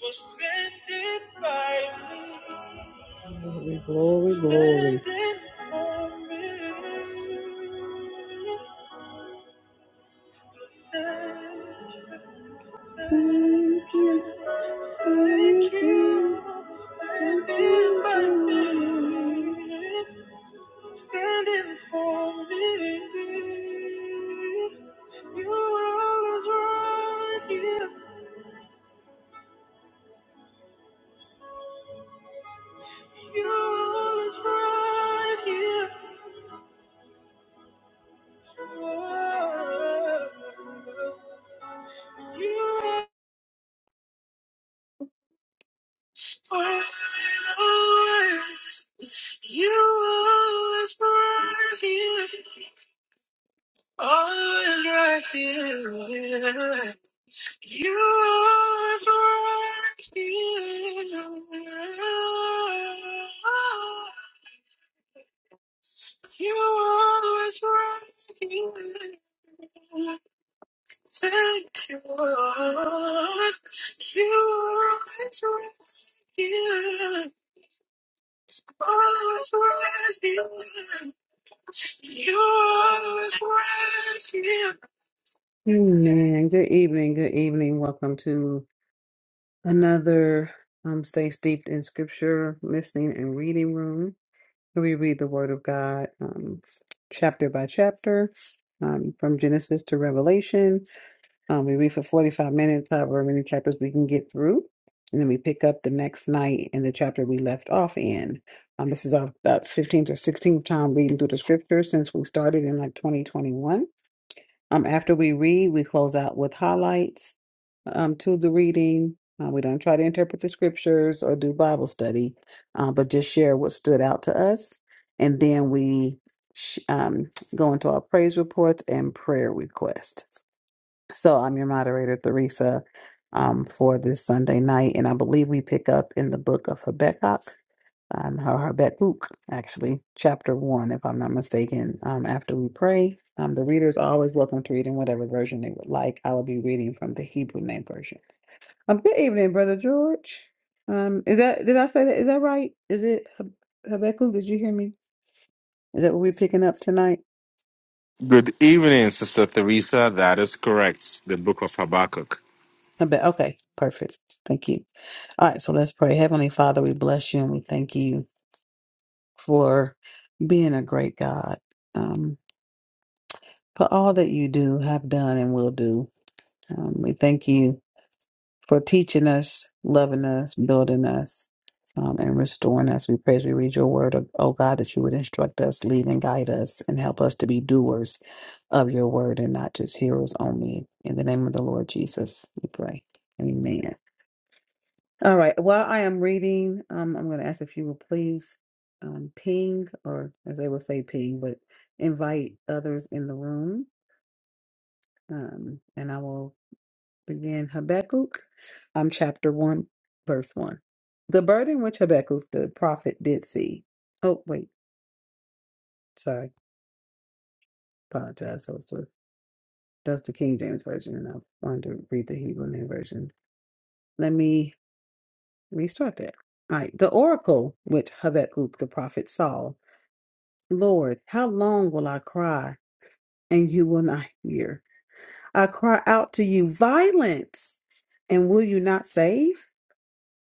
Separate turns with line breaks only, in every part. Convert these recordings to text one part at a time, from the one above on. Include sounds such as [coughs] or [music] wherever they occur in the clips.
For standing by me. Glory, glory, glory. Standing for me. Thank you, thank you, thank you for standing by me, standing for me. You are always right here. You're right here. You are always, you always right here. Always right here. You always right here. You always right here. Thank you, Lord. You are always right here. Always right here. You're always right here. Amen. Good evening. Good evening. Welcome to another um, Stay Steeped in Scripture Listening and Reading Room. where We read the Word of God um, chapter by chapter um, from Genesis to Revelation. Um, we read for 45 minutes, however many chapters we can get through. And then we pick up the next night in the chapter we left off in. Um, this is our, about 15th or 16th time reading through the scriptures since we started in like 2021. Um, after we read, we close out with highlights um, to the reading. Uh, we don't try to interpret the scriptures or do Bible study, uh, but just share what stood out to us. And then we sh- um, go into our praise reports and prayer requests. So I'm your moderator, Theresa, um, for this Sunday night, and I believe we pick up in the book of Habakkuk, um, her Habakkuk, actually, chapter one, if I'm not mistaken. Um, after we pray, um, the readers are always welcome to read in whatever version they would like. I will be reading from the Hebrew Name Version. Um, good evening, brother George. Um, is that did I say that? Is that right? Is it Hab- Habakkuk? Did you hear me? Is that what we're picking up tonight?
Good evening, Sister Theresa. That is correct. The book of Habakkuk.
I bet. Okay, perfect. Thank you. All right, so let's pray. Heavenly Father, we bless you and we thank you for being a great God, um, for all that you do, have done, and will do. Um, we thank you for teaching us, loving us, building us, um, and restoring us. We pray as we read your word, oh oh God, that you would instruct us, lead and guide us, and help us to be doers of your word and not just hearers only. In the name of the Lord Jesus, we pray. Amen. All right. While I am reading, um, I'm going to ask if you will please um, ping, or as they will say, ping, but invite others in the room. Um, and I will begin Habakkuk, um, chapter 1, verse 1. The burden which Habakkuk the prophet did see. Oh, wait. Sorry. Apologize. So it's the- that's the King James Version, and I wanted to read the Hebrew name version. Let me restart that. All right. The oracle which Habakkuk the prophet saw. Lord, how long will I cry and you will not hear? I cry out to you, violence, and will you not save?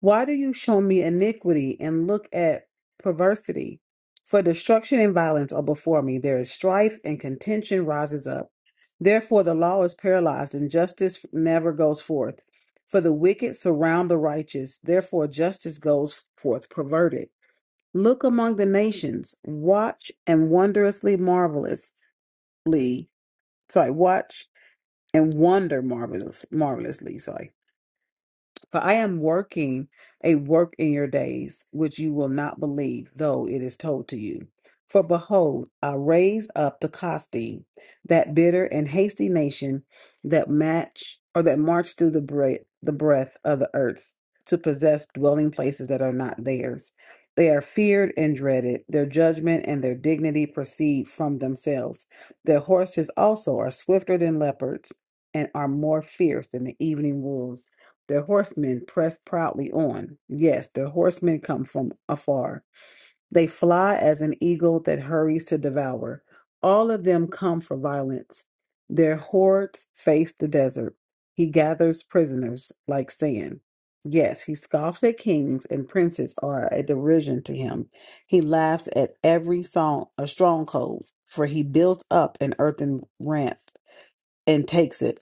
Why do you show me iniquity and look at perversity? For destruction and violence are before me. There is strife and contention rises up. Therefore, the law is paralyzed and justice never goes forth. For the wicked surround the righteous. Therefore, justice goes forth perverted. Look among the nations, watch and wondrously marvelous. So I watch and wonder marvelous, marvelously. Sorry. For I am working a work in your days, which you will not believe, though it is told to you. For behold, I raise up the Costi, that bitter and hasty nation that match or that march through the breath, the breath of the earth to possess dwelling places that are not theirs. They are feared and dreaded. Their judgment and their dignity proceed from themselves. Their horses also are swifter than leopards and are more fierce than the evening wolves. The horsemen press proudly on. Yes, the horsemen come from afar. They fly as an eagle that hurries to devour. All of them come for violence. Their hordes face the desert. He gathers prisoners like sand. Yes, he scoffs at kings and princes are a derision to him. He laughs at every song a stronghold, for he builds up an earthen ramp and takes it.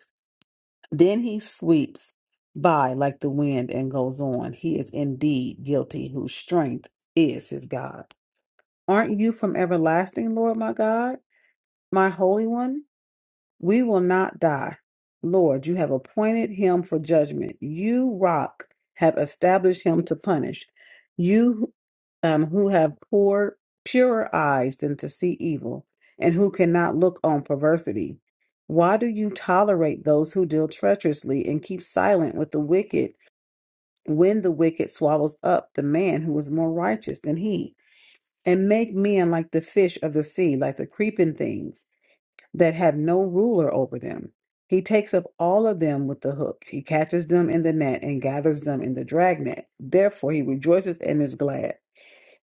Then he sweeps by like the wind and goes on. He is indeed guilty, whose strength is his God. Aren't you from everlasting, Lord my God, my Holy One? We will not die. Lord, you have appointed him for judgment. You, rock, have established him to punish. You um, who have poor, purer eyes than to see evil, and who cannot look on perversity. Why do you tolerate those who deal treacherously and keep silent with the wicked when the wicked swallows up the man who is more righteous than he? And make men like the fish of the sea, like the creeping things that have no ruler over them. He takes up all of them with the hook. He catches them in the net and gathers them in the dragnet. Therefore, he rejoices and is glad.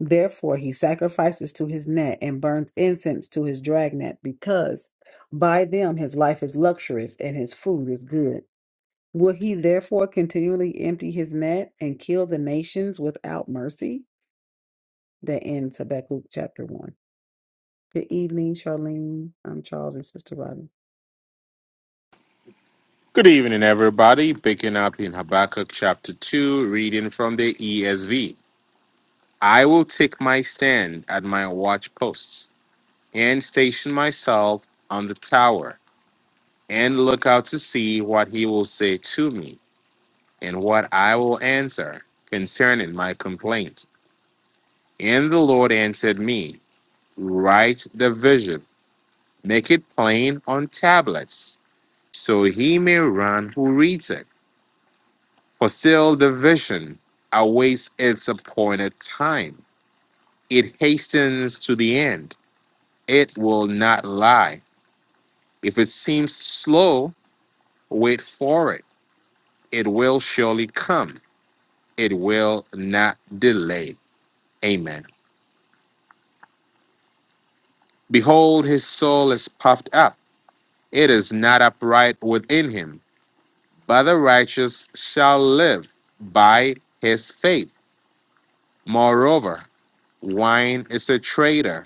Therefore, he sacrifices to his net and burns incense to his dragnet, because by them his life is luxurious and his food is good. Will he therefore continually empty his net and kill the nations without mercy? That ends Habakkuk chapter 1. Good evening, Charlene. I'm Charles and Sister Robin.
Good evening, everybody. Picking up in Habakkuk chapter 2, reading from the ESV. I will take my stand at my watch posts and station myself on the tower and look out to see what he will say to me and what I will answer concerning my complaint. And the Lord answered me, Write the vision, make it plain on tablets so he may run who reads it. For still the vision awaits its appointed time. It hastens to the end. It will not lie. If it seems slow, wait for it. It will surely come. It will not delay. Amen. Behold, his soul is puffed up. It is not upright within him, but the righteous shall live by his faith. Moreover, wine is a traitor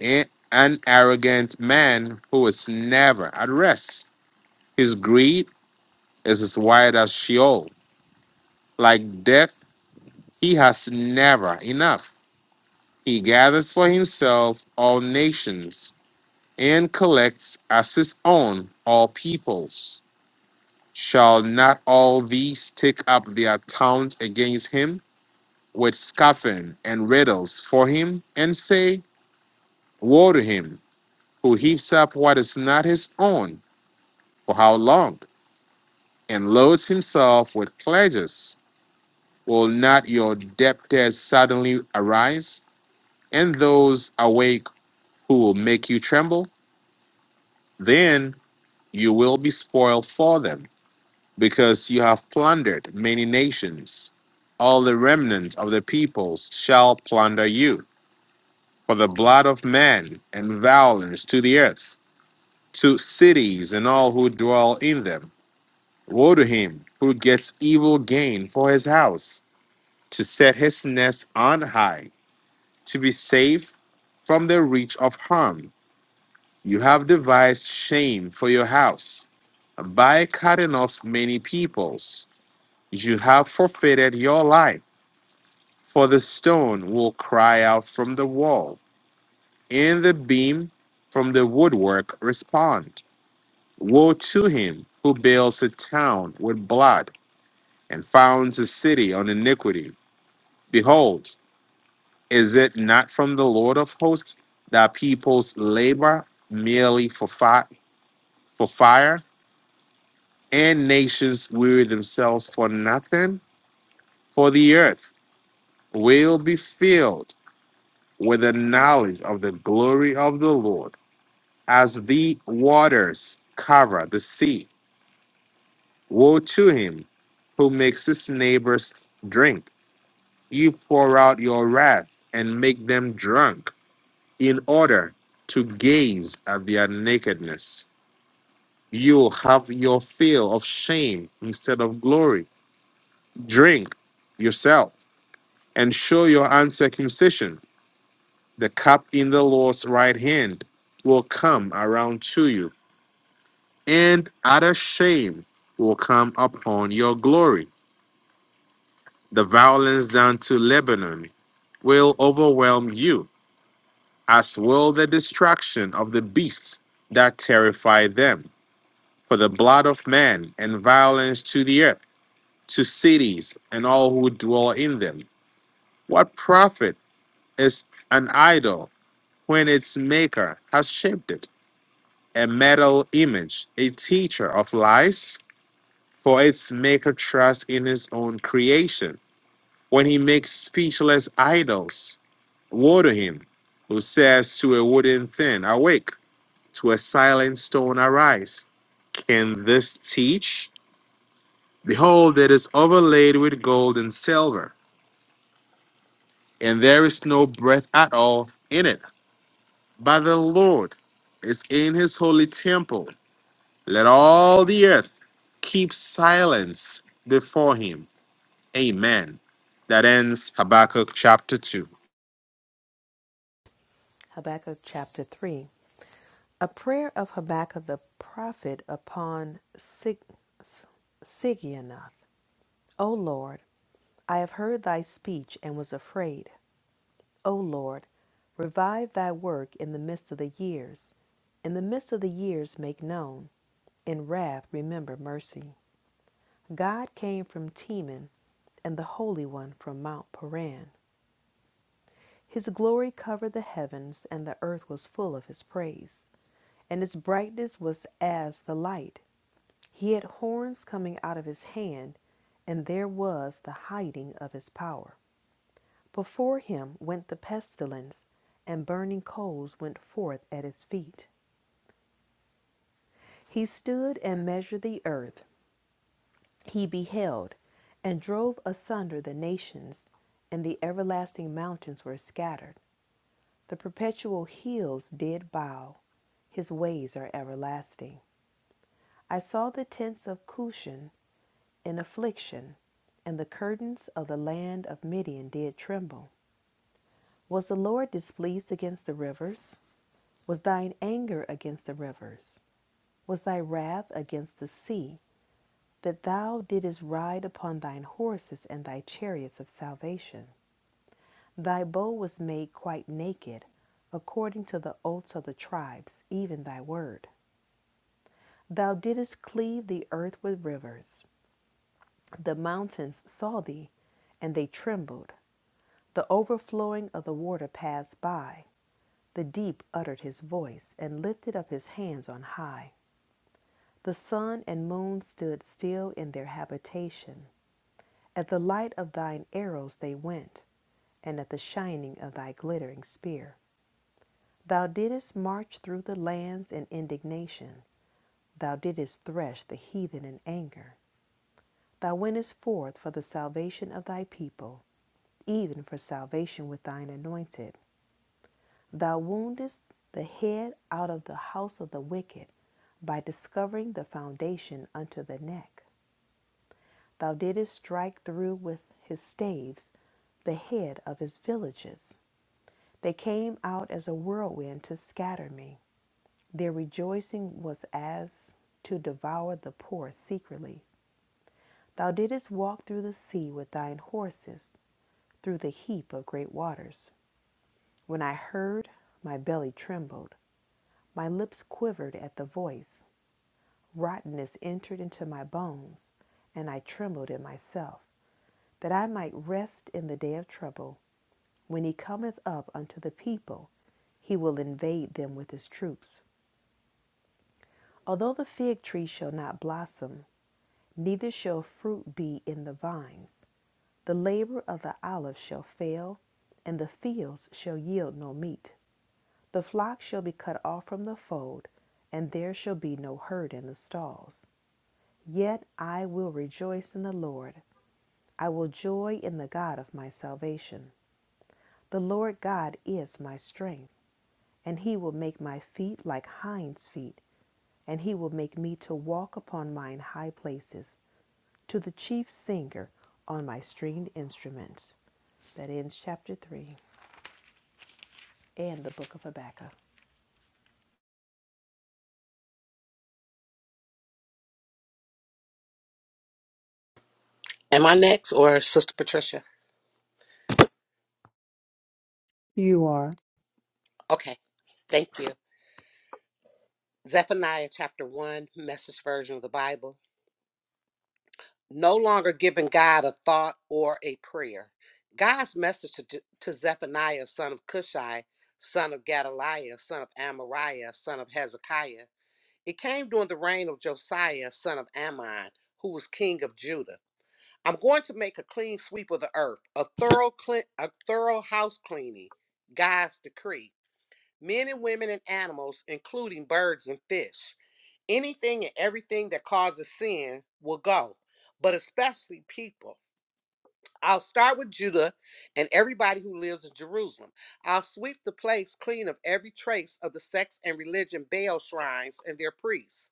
a- an arrogant man who is never at rest. His greed is as wide as Sheol. Like death, he has never enough. He gathers for himself all nations and collects as his own all peoples. Shall not all these take up their taunt against him with scoffing and riddles for him and say, Woe to him who heaps up what is not his own? For how long? and loads himself with pledges. will not your debtors suddenly arise, and those awake who will make you tremble? Then you will be spoiled for them, because you have plundered many nations. All the remnant of the peoples shall plunder you, for the blood of man and violence to the earth, to cities and all who dwell in them. Woe to him who gets evil gain for his house to set his nest on high, to be safe from the reach of harm. You have devised shame for your house. By cutting off many peoples, you have forfeited your life. For the stone will cry out from the wall, and the beam from the woodwork respond. Woe to him who builds a town with blood and founds a city on iniquity. Behold, Is it not from the Lord of hosts that peoples labor merely for, fi- for fire, and nations weary themselves for nothing? For the earth will be filled with the knowledge of the glory of the Lord, as the waters cover the sea. Woe to him who makes his neighbors drink. You pour out your wrath and make them drunk in order to gaze at their nakedness. You have your fill of shame instead of glory. Drink yourself and show your uncircumcision. The cup in the Lord's right hand will come around to you, and utter shame will come upon your glory. The violence done to Lebanon will overwhelm you, as will the destruction of the beasts that terrify them. For the blood of man and violence to the earth to cities and all who dwell in them. What profit is an idol when its maker has shaped it? A metal image, a teacher of lies? For its maker trusts in his own creation. When he makes speechless idols, woe to him who says to a wooden thing, Awake, to a silent stone, arise. Can this teach? Behold, it is overlaid with gold and silver and there is no breath at all in it. But the Lord is in his holy temple. Let all the earth keep silence before him. Amen. That ends Habakkuk chapter 2.
Habakkuk chapter 3. A prayer of Habakkuk the prophet upon Sig- Sigionoth. O Lord, I have heard thy speech and was afraid. O Lord, revive thy work in the midst of the years. In the midst of the years make known. In wrath remember mercy. God came from Teman and the Holy One from Mount Paran. His glory covered the heavens, and the earth was full of his praise. and its brightness was as the light. He had horns coming out of his hand, and there was the hiding of his power. Before him went the pestilence, and burning coals went forth at his feet. He stood and measured the earth. He beheld and drove asunder the nations, and the everlasting mountains were scattered. The perpetual hills did bow. His ways are everlasting. I saw the tents of Cushan in affliction, and the curtains of the land of Midian did tremble. Was the Lord displeased against the rivers? Was thine anger against the rivers? Was thy wrath against the sea, that thou didst ride upon thine horses and thy chariots of salvation? Thy bow was made quite naked, according to the oaths of the tribes, even thy word. Thou didst cleave the earth with rivers. The mountains saw thee, and they trembled. The overflowing of the water passed by. The deep uttered his voice and lifted up his hands on high. The sun and moon stood still in their habitation. At the light of thine arrows they went, and at the shining of thy glittering spear. Thou didst march through the lands in indignation. Thou didst thresh the heathen in anger. Thou wentest forth for the salvation of thy people, even for salvation with thine anointed Thou woundest the head out of the house of the wicked by discovering the foundation unto the neck. Thou didst strike through with his staves the head of his villages. They came out as a whirlwind to scatter me. Their rejoicing was as to devour the poor secretly. Thou didst walk through the sea with thine horses, through the heap of great waters. When I heard, my belly trembled, my lips quivered at the voice. rottenness entered into my bones, and I trembled in myself, that I might rest in the day of trouble. When he cometh up unto the people, he will invade them with his troops. Although the fig tree shall not blossom, neither shall fruit be in the vines, the labor of the olive shall fail, and the fields shall yield no meat. The flock shall be cut off from the fold, and there shall be no herd in the stalls. Yet I will rejoice in the Lord. I will joy in the God of my salvation. The Lord God is my strength, and he will make my feet like hinds' feet, and he will make me to walk upon mine high places, to the chief singer on my stringed instruments. That ends chapter 3 and the book of Habakkuk.
Am I next or Sister Patricia?
You are.
Okay, thank you. Zephaniah chapter 1, message version of the Bible. No longer giving God a thought or a prayer. God's message to, J- to Zephaniah, son of Cushai, son of Gedaliah, son of Amariah, son of Hezekiah. It came during the reign of Josiah, son of Ammon, who was king of Judah. I'm going to make a clean sweep of the earth, a thorough, cle- a thorough house cleaning, God's decree. men and women and animals, including birds and fish. Anything and everything that causes sin will go, but especially people. I'll start with Judah and everybody who lives in Jerusalem. I'll sweep the place clean of every trace of the sex and religion Baal shrines and their priests.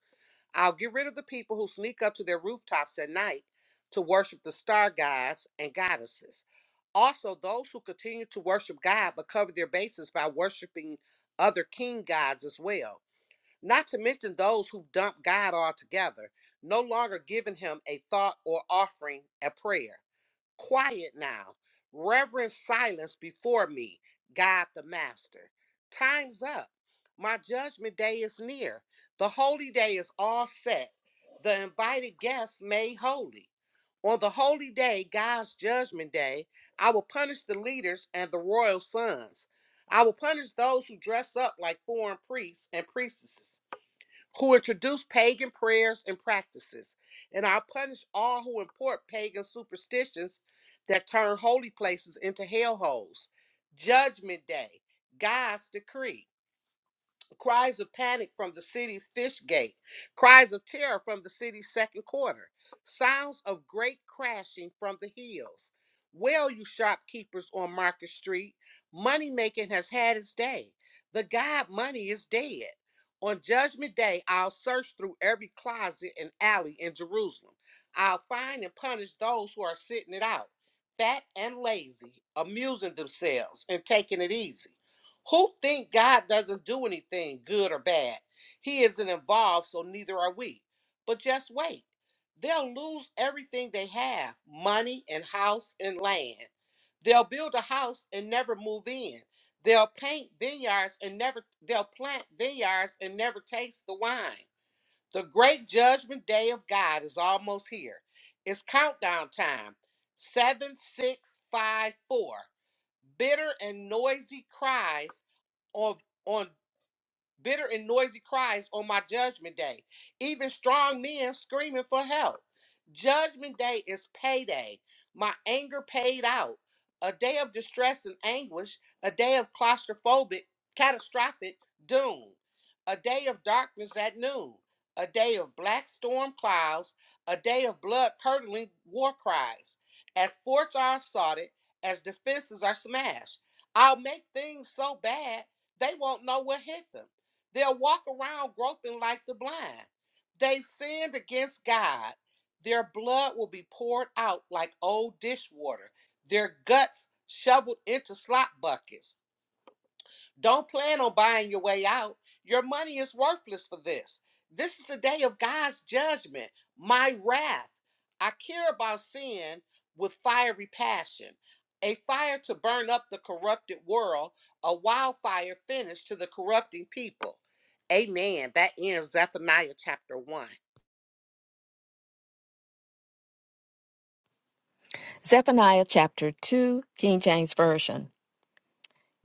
I'll get rid of the people who sneak up to their rooftops at night to worship the star gods and goddesses. Also, those who continue to worship God but cover their bases by worshiping other king gods as well. Not to mention those who dump God altogether, no longer giving him a thought or offering a prayer. Quiet now, reverent silence before me, God the Master. Time's up. My judgment day is near. The holy day is all set. The invited guests made holy. On the holy day, God's judgment day, I will punish the leaders and the royal sons. I will punish those who dress up like foreign priests and priestesses who introduce pagan prayers and practices. And I'll punish all who import pagan superstitions that turn holy places into hellholes. Judgment Day, God's decree cries of panic from the city's fish gate, cries of terror from the city's second quarter, sounds of great crashing from the hills. Well, you shopkeepers on Market Street, money making has had its day. The god money is dead. On Judgment Day, I'll search through every closet and alley in Jerusalem. I'll find and punish those who are sitting it out, fat and lazy, amusing themselves and taking it easy. Who think God doesn't do anything, good or bad? He isn't involved, so neither are we. But just wait. They'll lose everything they have money and house and land. They'll build a house and never move in. They'll paint vineyards and never they'll plant vineyards and never taste the wine. The great judgment day of God is almost here. It's countdown time. Seven, six, five, four bitter and noisy cries on on bitter and noisy cries on my judgment day, even strong men screaming for help. Judgment day is payday, my anger paid out, a day of distress and anguish, a day of claustrophobic, catastrophic doom, a day of darkness at noon, a day of black storm clouds, a day of blood curdling war cries. As forts are assaulted, as defenses are smashed, I'll make things so bad they won't know what hit them They'll walk around groping like the blind. They sinned against God. Their blood will be poured out like old dishwater, their guts shoveled into slop buckets. Don't plan on buying your way out. Your money is worthless for this. This is the day of God's judgment, my wrath. I care about sin with fiery passion, a fire to burn up the corrupted world, a wildfire finish to the corrupting people. Amen. That ends Zephaniah chapter 1.
Zephaniah chapter 2, King James Version.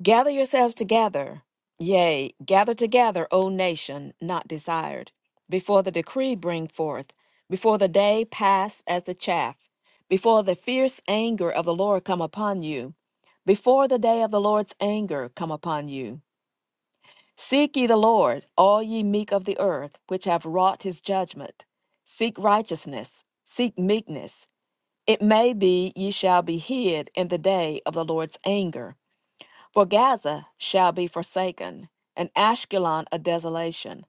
Gather yourselves together, yea, gather together, O nation not desired, before the decree bring forth, before the day pass as the chaff, before the fierce anger of the Lord come upon you, before the day of the Lord's anger come upon you. Seek ye the Lord, all ye meek of the earth, which have wrought his judgment. Seek righteousness, seek meekness, it may be ye shall be hid in the day of the Lord's anger. For Gaza shall be forsaken, and Ashkelon a desolation.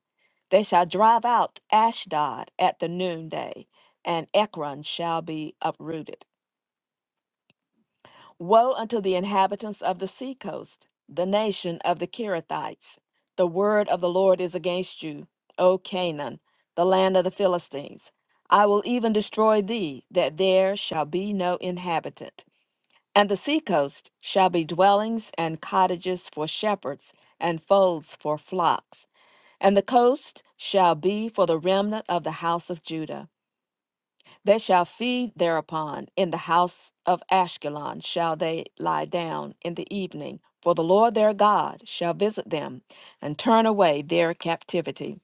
They shall drive out Ashdod at the noonday, and Ekron shall be uprooted. Woe unto the inhabitants of the seacoast, the nation of the Kirithites. The word of the Lord is against you, O Canaan, the land of the Philistines. I will even destroy thee, that there shall be no inhabitant. And the seacoast shall be dwellings and cottages for shepherds, and folds for flocks. And the coast shall be for the remnant of the house of Judah. They shall feed thereupon. In the house of Ashkelon shall they lie down in the evening. For the Lord their God shall visit them, and turn away their captivity.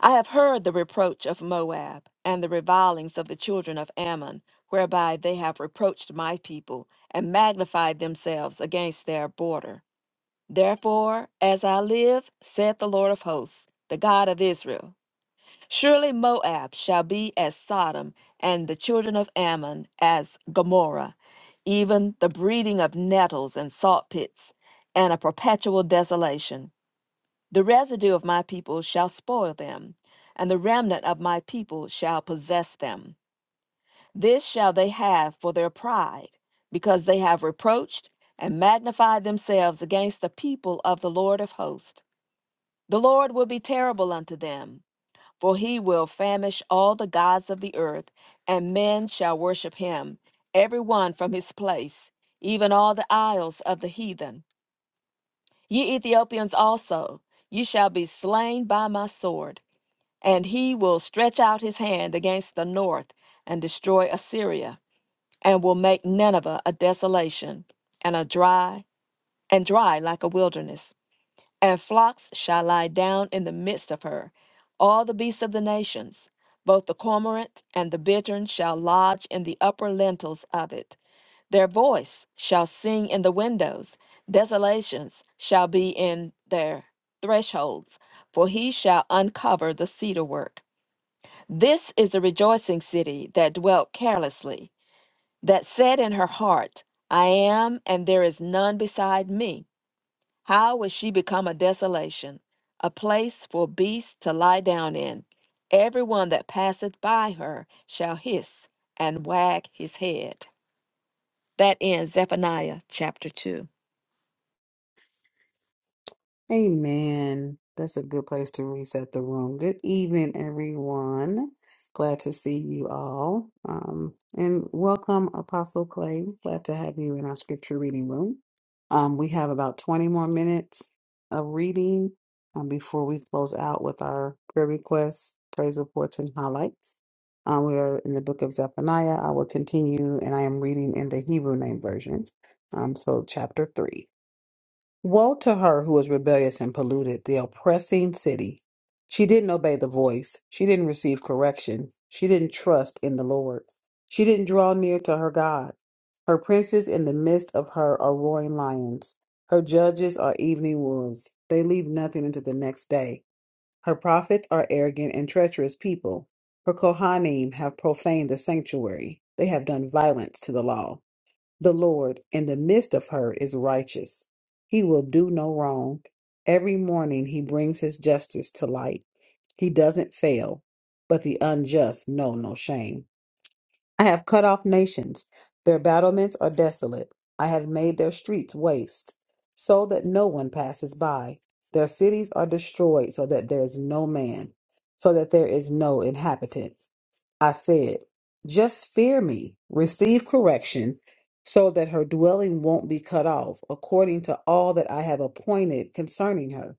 I have heard the reproach of Moab and the revilings of the children of Ammon, whereby they have reproached my people and magnified themselves against their border. Therefore, as I live, saith the Lord of hosts, the God of Israel, surely Moab shall be as Sodom, and the children of Ammon as Gomorrah, even the breeding of nettles and salt pits, and a perpetual desolation. The residue of my people shall spoil them, and the remnant of my people shall possess them. This shall they have for their pride, because they have reproached and magnified themselves against the people of the Lord of hosts. The Lord will be terrible unto them, for he will famish all the gods of the earth, and men shall worship him, every one from his place, even all the isles of the heathen. Ye Ethiopians also, ye shall be slain by my sword. And he will stretch out his hand against the north and destroy Assyria, and will make Nineveh a desolation, and a dry, and dry like a wilderness. And flocks shall lie down in the midst of her. All the beasts of the nations, both the cormorant and the bittern, shall lodge in the upper lintels of it their voice shall sing in the windows, desolations shall be in their thresholds, for he shall uncover the cedar work. This is the rejoicing city that dwelt carelessly, that said in her heart, I am, and there is none beside me. How will she become a desolation, a place for beasts to lie down in? Everyone that passeth by her shall hiss and wag his head. That ends Zephaniah chapter 2.
Amen. That's a good place to reset the room. Good evening, everyone. Glad to see you all. Um, and welcome, Apostle Clay. Glad to have you in our scripture reading room. Um, we have about 20 more minutes of reading um, before we close out with our prayer requests, praise reports, and highlights. Um, we are in the book of Zephaniah. I will continue, and I am reading in the Hebrew name version. Um, so, chapter 3. Woe to her who was rebellious and polluted the oppressing city. She didn't obey the voice. She didn't receive correction. She didn't trust in the Lord. She didn't draw near to her God. Her princes in the midst of her are roaring lions. Her judges are evening wolves. They leave nothing until the next day. Her prophets are arrogant and treacherous people. Her Kohanim have profaned the sanctuary. They have done violence to the law. The Lord in the midst of her is righteous. He will do no wrong. Every morning he brings his justice to light. He doesn't fail, but the unjust know no shame. I have cut off nations. Their battlements are desolate. I have made their streets waste, so that no one passes by. Their cities are destroyed, so that there is no man, so that there is no inhabitant. I said, Just fear me, receive correction, so that her dwelling won't be cut off, according to all that I have appointed concerning her.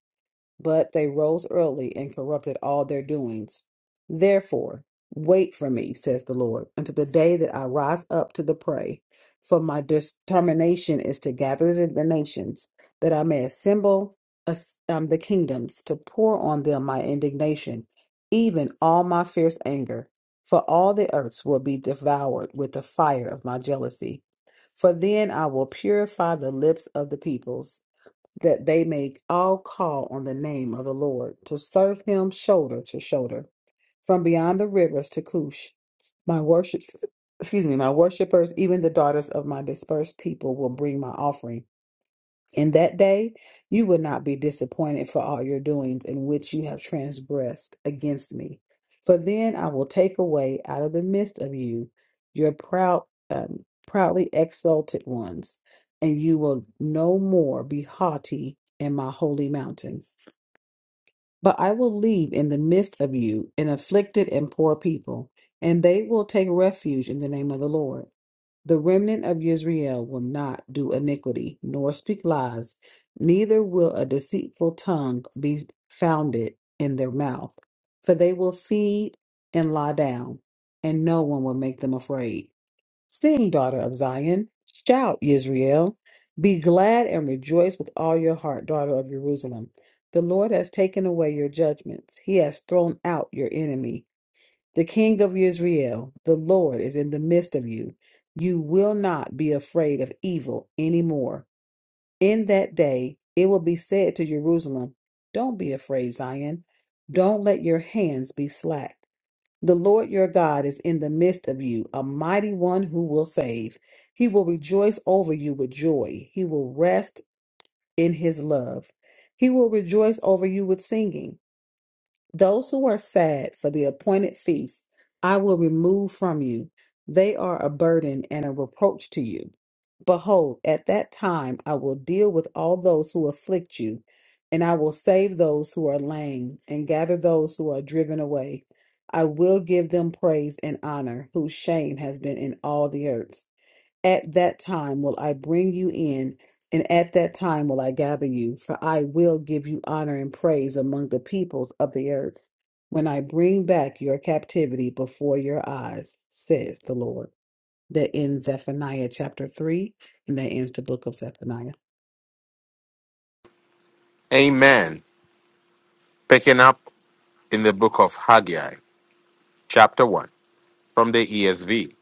But they rose early and corrupted all their doings. Therefore, wait for me, says the Lord, until the day that I rise up to the prey. For my determination is to gather the the nations, that I may assemble as- um, the kingdoms, to pour on them my indignation, even all my fierce anger. For all the earths will be devoured with the fire of my jealousy. For then I will purify the lips of the peoples that they may all call on the name of the Lord to serve him shoulder to shoulder from beyond the rivers to Cush. My worship, excuse me, my worshipers, even the daughters of my dispersed people will bring my offering. In that day you will not be disappointed for all your doings in which you have transgressed against me. For then I will take away out of the midst of you your proud, um, proudly exalted ones, and you will no more be haughty in my holy mountain. But I will leave in the midst of you an afflicted and poor people, and they will take refuge in the name of the Lord. The remnant of Israel will not do iniquity, nor speak lies, neither will a deceitful tongue be founded in their mouth. For they will feed and lie down, and no one will make them afraid. Sing, daughter of Zion, shout, Israel. Be glad and rejoice with all your heart, daughter of Jerusalem. The Lord has taken away your judgments, He has thrown out your enemy. The king of Israel, the Lord, is in the midst of you. You will not be afraid of evil any more. In that day, it will be said to Jerusalem, Don't be afraid, Zion. Don't let your hands be slack. The Lord your God is in the midst of you, a mighty one who will save. He will rejoice over you with joy. He will rest in his love. He will rejoice over you with singing. Those who are sad for the appointed feast, I will remove from you. They are a burden and a reproach to you. Behold, at that time I will deal with all those who afflict you, and I will save those who are lame, and gather those who are driven away. I will give them praise and honor, whose shame has been in all the earth. At that time will I bring you in, and at that time will I gather you, for I will give you honor and praise among the peoples of the earth, when I bring back your captivity before your eyes, says the Lord. That ends Zephaniah chapter 3, and that ends the book of Zephaniah.
Amen. Picking up in the book of Haggai, chapter 1, from the ESV.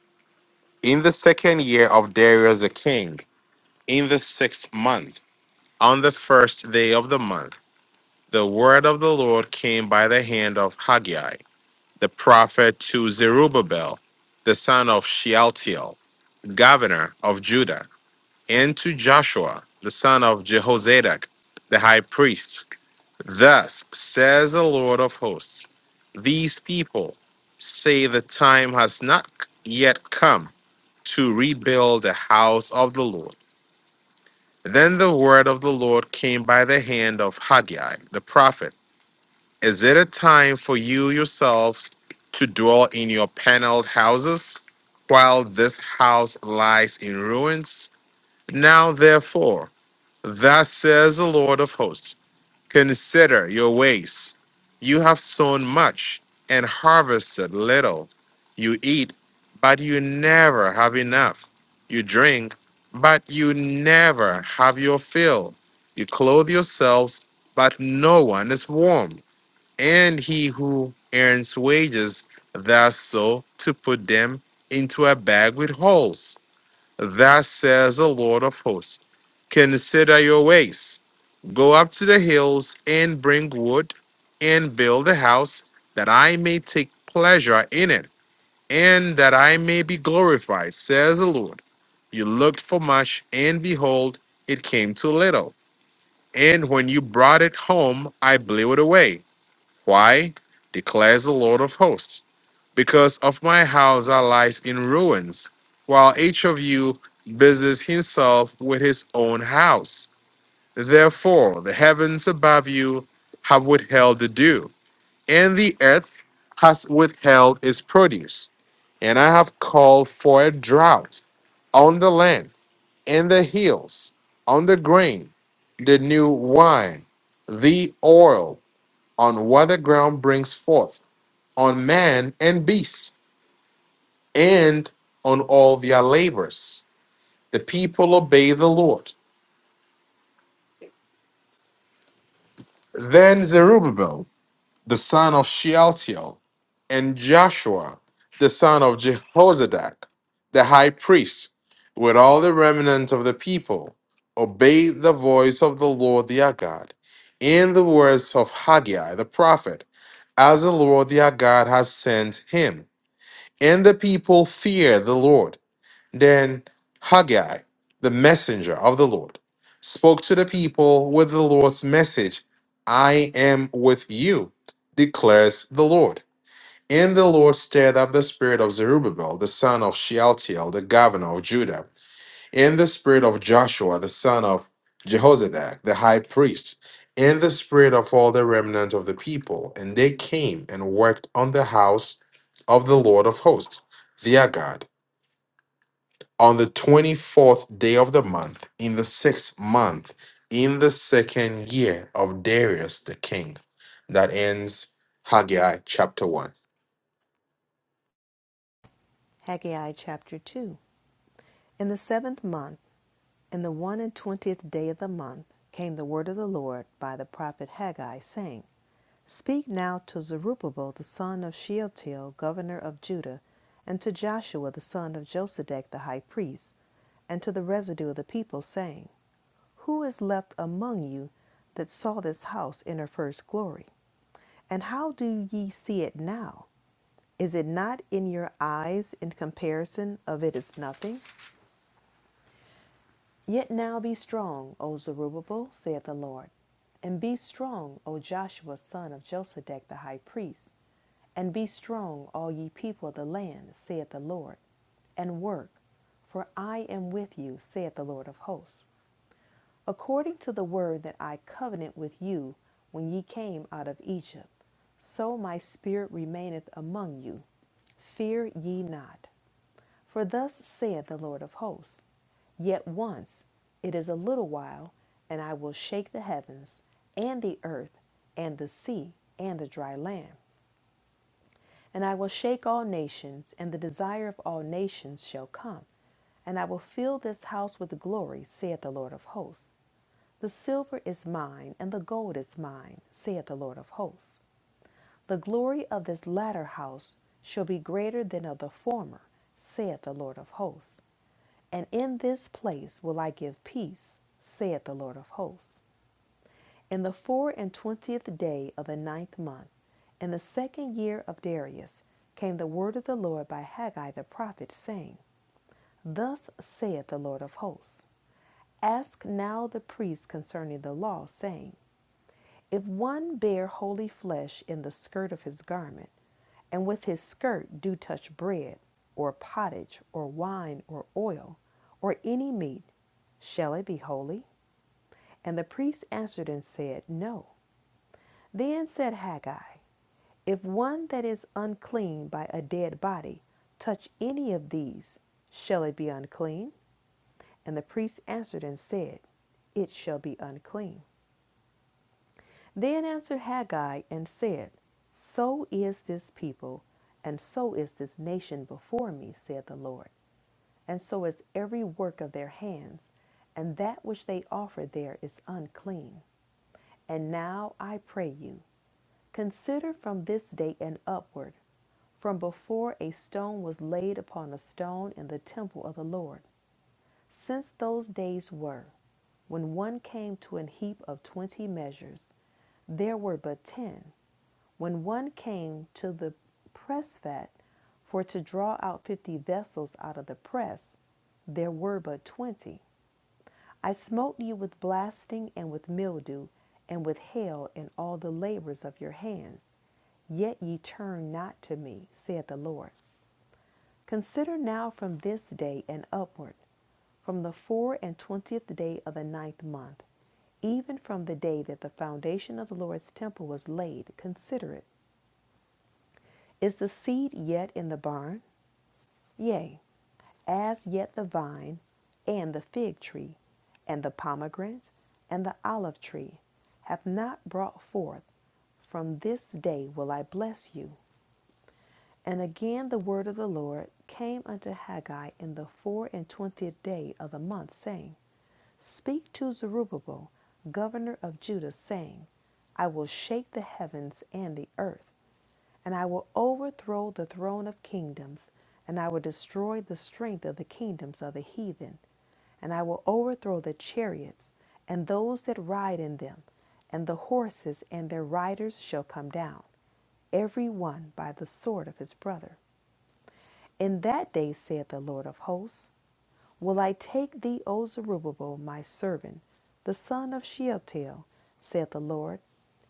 In the second year of Darius the king, in the sixth month, on the first day of the month, the word of the Lord came by the hand of Haggai the prophet to Zerubbabel, the son of Shealtiel, governor of Judah, and to Joshua, the son of Jehozadak, the high priest. Thus says the Lord of hosts, these people say the time has not yet come to rebuild the house of the Lord. Then the word of the Lord came by the hand of Haggai, the prophet Is it a time for you yourselves to dwell in your paneled houses while this house lies in ruins? Now, therefore, thus says the Lord of hosts Consider your ways. You have sown much and harvested little. You eat, but you never have enough. You drink, but you never have your fill. You clothe yourselves, but no one is warm and he who earns wages, thus so to put them into a bag with holes. Thus says the Lord of hosts, consider your ways. Go up to the hills and bring wood and build a house that I may take pleasure in it and that I may be glorified, says the Lord. You looked for much and behold, it came to little. And when you brought it home, I blew it away. Why? declares the Lord of hosts. Because of my house that lies in ruins, while each of you busies himself with his own house. Therefore, the heavens above you have withheld the dew, and the earth has withheld its produce. And I have called for a drought on the land, and the hills, on the grain, the new wine, the oil, on what the ground brings forth on man and beast, and on all their labors. The people obey the Lord. Then Zerubbabel, the son of Shealtiel, and Joshua, the son of Jehozadak, the high priest, with all the remnant of the people, obeyed the voice of the Lord their God, in the words of Haggai the prophet, as the Lord their God has sent him. And the people feared the Lord Then Haggai, the messenger of the Lord, spoke to the people with the Lord's message I am with you, declares the Lord. And the Lord stirred up the spirit of Zerubbabel, the son of Shealtiel, the governor of Judah, and the spirit of Joshua, the son of Jehozadak, the high priest, and the spirit of all the remnant of the people. And they came and worked on the house of the Lord of hosts, their God on the 24th day of the month, in the sixth month, in the second year of Darius the king. That ends Haggai chapter 1.
Haggai chapter 2. In the seventh month, In the one and twentieth day of the month came the word of the Lord by the prophet Haggai, saying, Speak now to Zerubbabel the son of Shealtiel, governor of Judah, and to Joshua the son of Josedech the high priest, and to the residue of the people, saying, Who is left among you that saw this house in her first glory? And how do ye see it now? Is it not in your eyes in comparison of it is nothing? Yet now be strong, O Zerubbabel, saith the Lord, and be strong, O Joshua, son of Josadak the high priest, and be strong, all ye people of the land, saith the Lord, and work, for I am with you, saith the Lord of hosts, according to the word that I covenant with you when ye came out of Egypt. So my spirit remaineth among you. Fear ye not. For thus saith the Lord of hosts Yet once, it is a little while, and I will shake the heavens, and the earth, and the sea, and the dry land. And I will shake all nations, and the desire of all nations shall come. And I will fill this house with glory, saith the Lord of hosts. The silver is mine, and the gold is mine, saith the Lord of hosts. The glory of this latter house shall be greater than of the former, saith the Lord of hosts. And in this place will I give peace, saith the Lord of hosts. In the four and twentieth day of the ninth month, in the second year of Darius, came the word of the Lord by Haggai the prophet, saying, Thus saith the Lord of hosts Ask now the priests concerning the law, saying, if one bear holy flesh in the skirt of his garment, and with his skirt do touch bread, or pottage, or wine, or oil, or any meat, shall it be holy? And the priest answered and said, No. Then said Haggai, If one that is unclean by a dead body touch any of these, shall it be unclean? And the priest answered and said, It shall be unclean. Then answered Haggai and said, So is this people, and so is this nation before me, saith the Lord, and so is every work of their hands, and that which they offer there is unclean. And now I pray you, consider from this day and upward, from before a stone was laid upon a stone in the temple of the Lord. Since those days were, when one came to an heap of twenty measures, there were but ten. When one came to the press vat for to draw out fifty vessels out of the press, there were but twenty. I smote you with blasting and with mildew and with hail and all the labors of your hands. Yet ye turn not to me, saith the Lord. Consider now from this day and upward from the four and twentieth day of the ninth month, even from the day that the foundation of the Lord's temple was laid, consider it. Is the seed yet in the barn? Yea, as yet the vine, and the fig tree, and the pomegranate, and the olive tree hath not brought forth. From this day will I bless you. And again the word of the Lord came unto Haggai in the four and twentieth day of the month, saying, Speak to Zerubbabel, governor of Judah, saying, I will shake the heavens and the earth, and I will overthrow the throne of kingdoms, and I will destroy the strength of the kingdoms of the heathen, and I will overthrow the chariots and those that ride in them, and the horses and their riders shall come down, every one by the sword of his brother. In that day, saith the Lord of hosts, Will I take thee, O Zerubbabel, my servant, the son of Shealtiel, saith the Lord,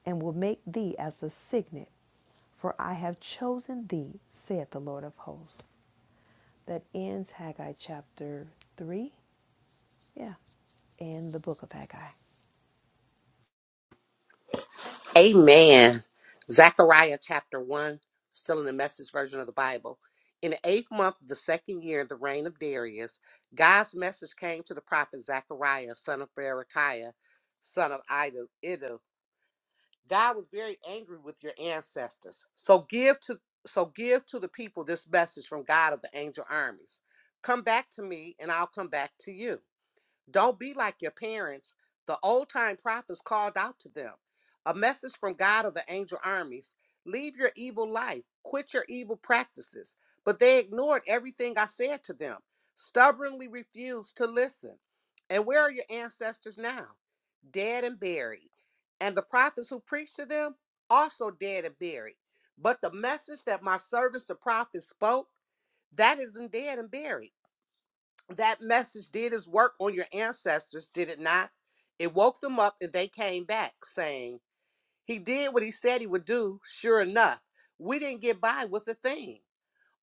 and will make thee as a signet, for I have chosen thee, saith the Lord of hosts. That ends Haggai chapter 3, yeah, and the book of Haggai.
Amen. Zechariah chapter 1, still in the message version of the Bible. In the eighth month of the second year of the reign of Darius, God's message came to the prophet Zechariah, son of Berechiah, son of Ido. Iddo. God was very angry with your ancestors. So give to so give to the people this message from God of the angel armies. Come back to me and I'll come back to you. Don't be like your parents. The old time prophets called out to them. A message from God of the angel armies Leave your evil life, quit your evil practices. But they ignored everything I said to them, stubbornly refused to listen. And where are your ancestors now? Dead and buried. And the prophets who preached to them, also dead and buried. But the message that my servants, the prophets, spoke, that isn't dead and buried that message did its work on your ancestors, did it not? It woke them up and they came back saying, He did what he said he would do, sure enough. We didn't get by with a thing.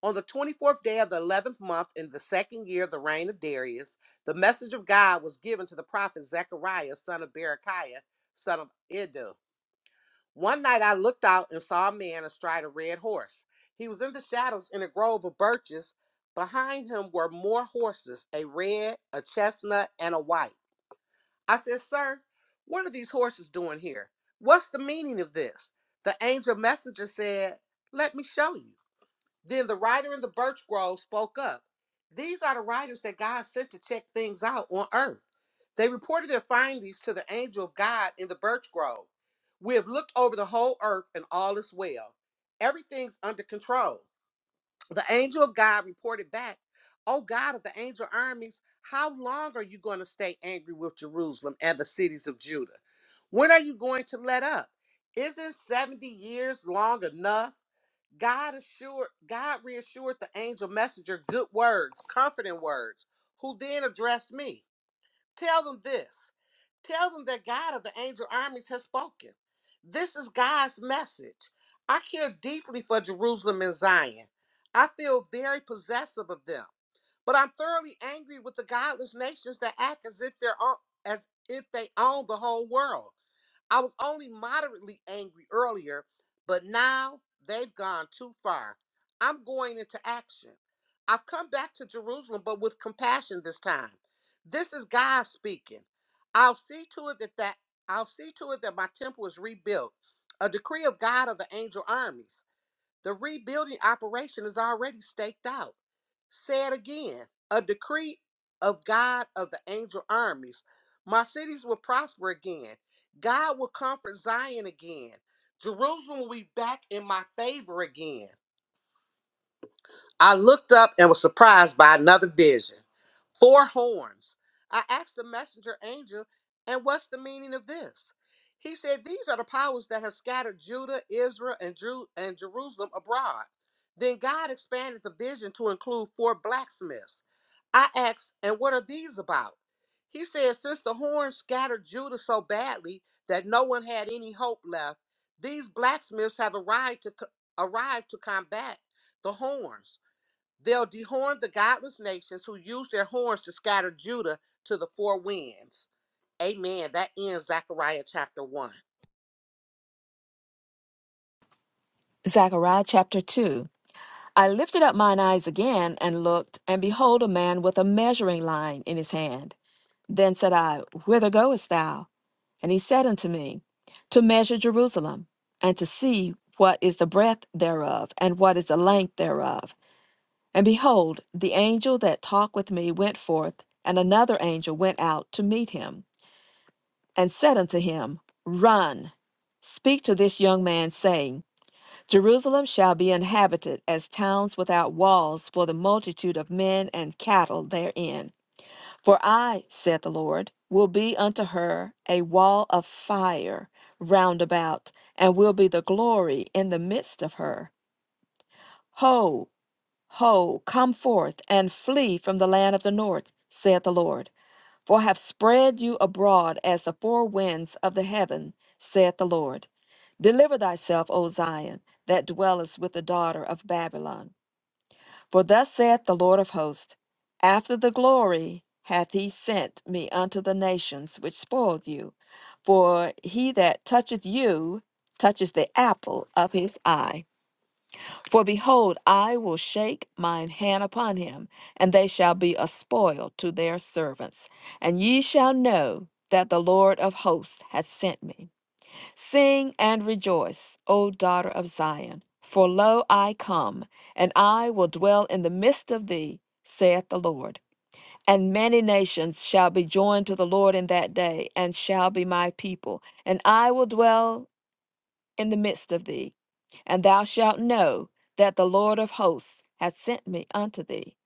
On the 24th day of the 11th month in the second year of the reign of Darius, the message of God was given to the prophet Zechariah, son of Berechiah, son of Iddo. One night I looked out and saw a man astride a red horse. He was in the shadows in a grove of birches. Behind him were more horses a red, a chestnut, and a white. I said, Sir, what are these horses doing here? What's the meaning of this? The angel messenger said, Let me show you. Then the writer in the birch grove spoke up. These are the writers that God sent to check things out on earth. They reported their findings to the angel of God in the birch grove. We have looked over the whole earth and all is well. Everything's under control. The angel of God reported back, Oh God of the angel armies, how long are you going to stay angry with Jerusalem and the cities of Judah? When are you going to let up? Isn't 70 years long enough? God assured God reassured the angel messenger good words, comforting words, who then addressed me. Tell them this. Tell them that God of the angel armies has spoken. This is God's message. I care deeply for Jerusalem and Zion. I feel very possessive of them, but I'm thoroughly angry with the godless nations that act as if they're on, as if they own the whole world. I was only moderately angry earlier, but now they've gone too far. I'm going into action. I've come back to Jerusalem, but with compassion this time. This is God speaking. I'll see to it that, that I'll see to it that my temple is rebuilt. A decree of God of the angel armies. The rebuilding operation is already staked out. Say it again a decree of God of the angel armies. My cities will prosper again. God will comfort Zion again. Jerusalem will be back in my favor again. I looked up and was surprised by another vision four horns. I asked the messenger angel, and what's the meaning of this? He said, These are the powers that have scattered Judah, Israel, and, Jeru- and Jerusalem abroad. Then God expanded the vision to include four blacksmiths. I asked, And what are these about? He said, Since the horns scattered Judah so badly that no one had any hope left, these blacksmiths have arrived to, co- arrived to combat the horns. They'll dehorn the godless nations who use their horns to scatter Judah to the four winds. Amen. That ends Zechariah chapter 1.
Zechariah chapter 2. I lifted up mine eyes again and looked, and behold, a man with a measuring line in his hand. Then said I, Whither goest thou? And he said unto me, To measure Jerusalem, and to see what is the breadth thereof, and what is the length thereof. And behold, the angel that talked with me went forth, and another angel went out to meet him, and said unto him, Run, speak to this young man, saying, Jerusalem shall be inhabited as towns without walls for the multitude of men and cattle therein. For I, saith the Lord, will be unto her a wall of fire round about, and will be the glory in the midst of her. Ho, ho, come forth and flee from the land of the north, saith the Lord. For I have spread you abroad as the four winds of the heaven, saith the Lord. Deliver thyself, O Zion, that dwellest with the daughter of Babylon. For thus saith the Lord of hosts After the glory hath he sent me unto the nations which spoiled you. For he that toucheth you touches the apple of his eye. For behold, I will shake mine hand upon him, and they shall be a spoil to their servants. And ye shall know that the Lord of hosts hath sent me. Sing and rejoice, O daughter of Zion, for lo, I come, and I will dwell in the midst of thee, saith the Lord. And many nations shall be joined to the Lord in that day, and shall be my people. And I will dwell in the midst of thee. And thou shalt know that the Lord of hosts hath sent me unto thee.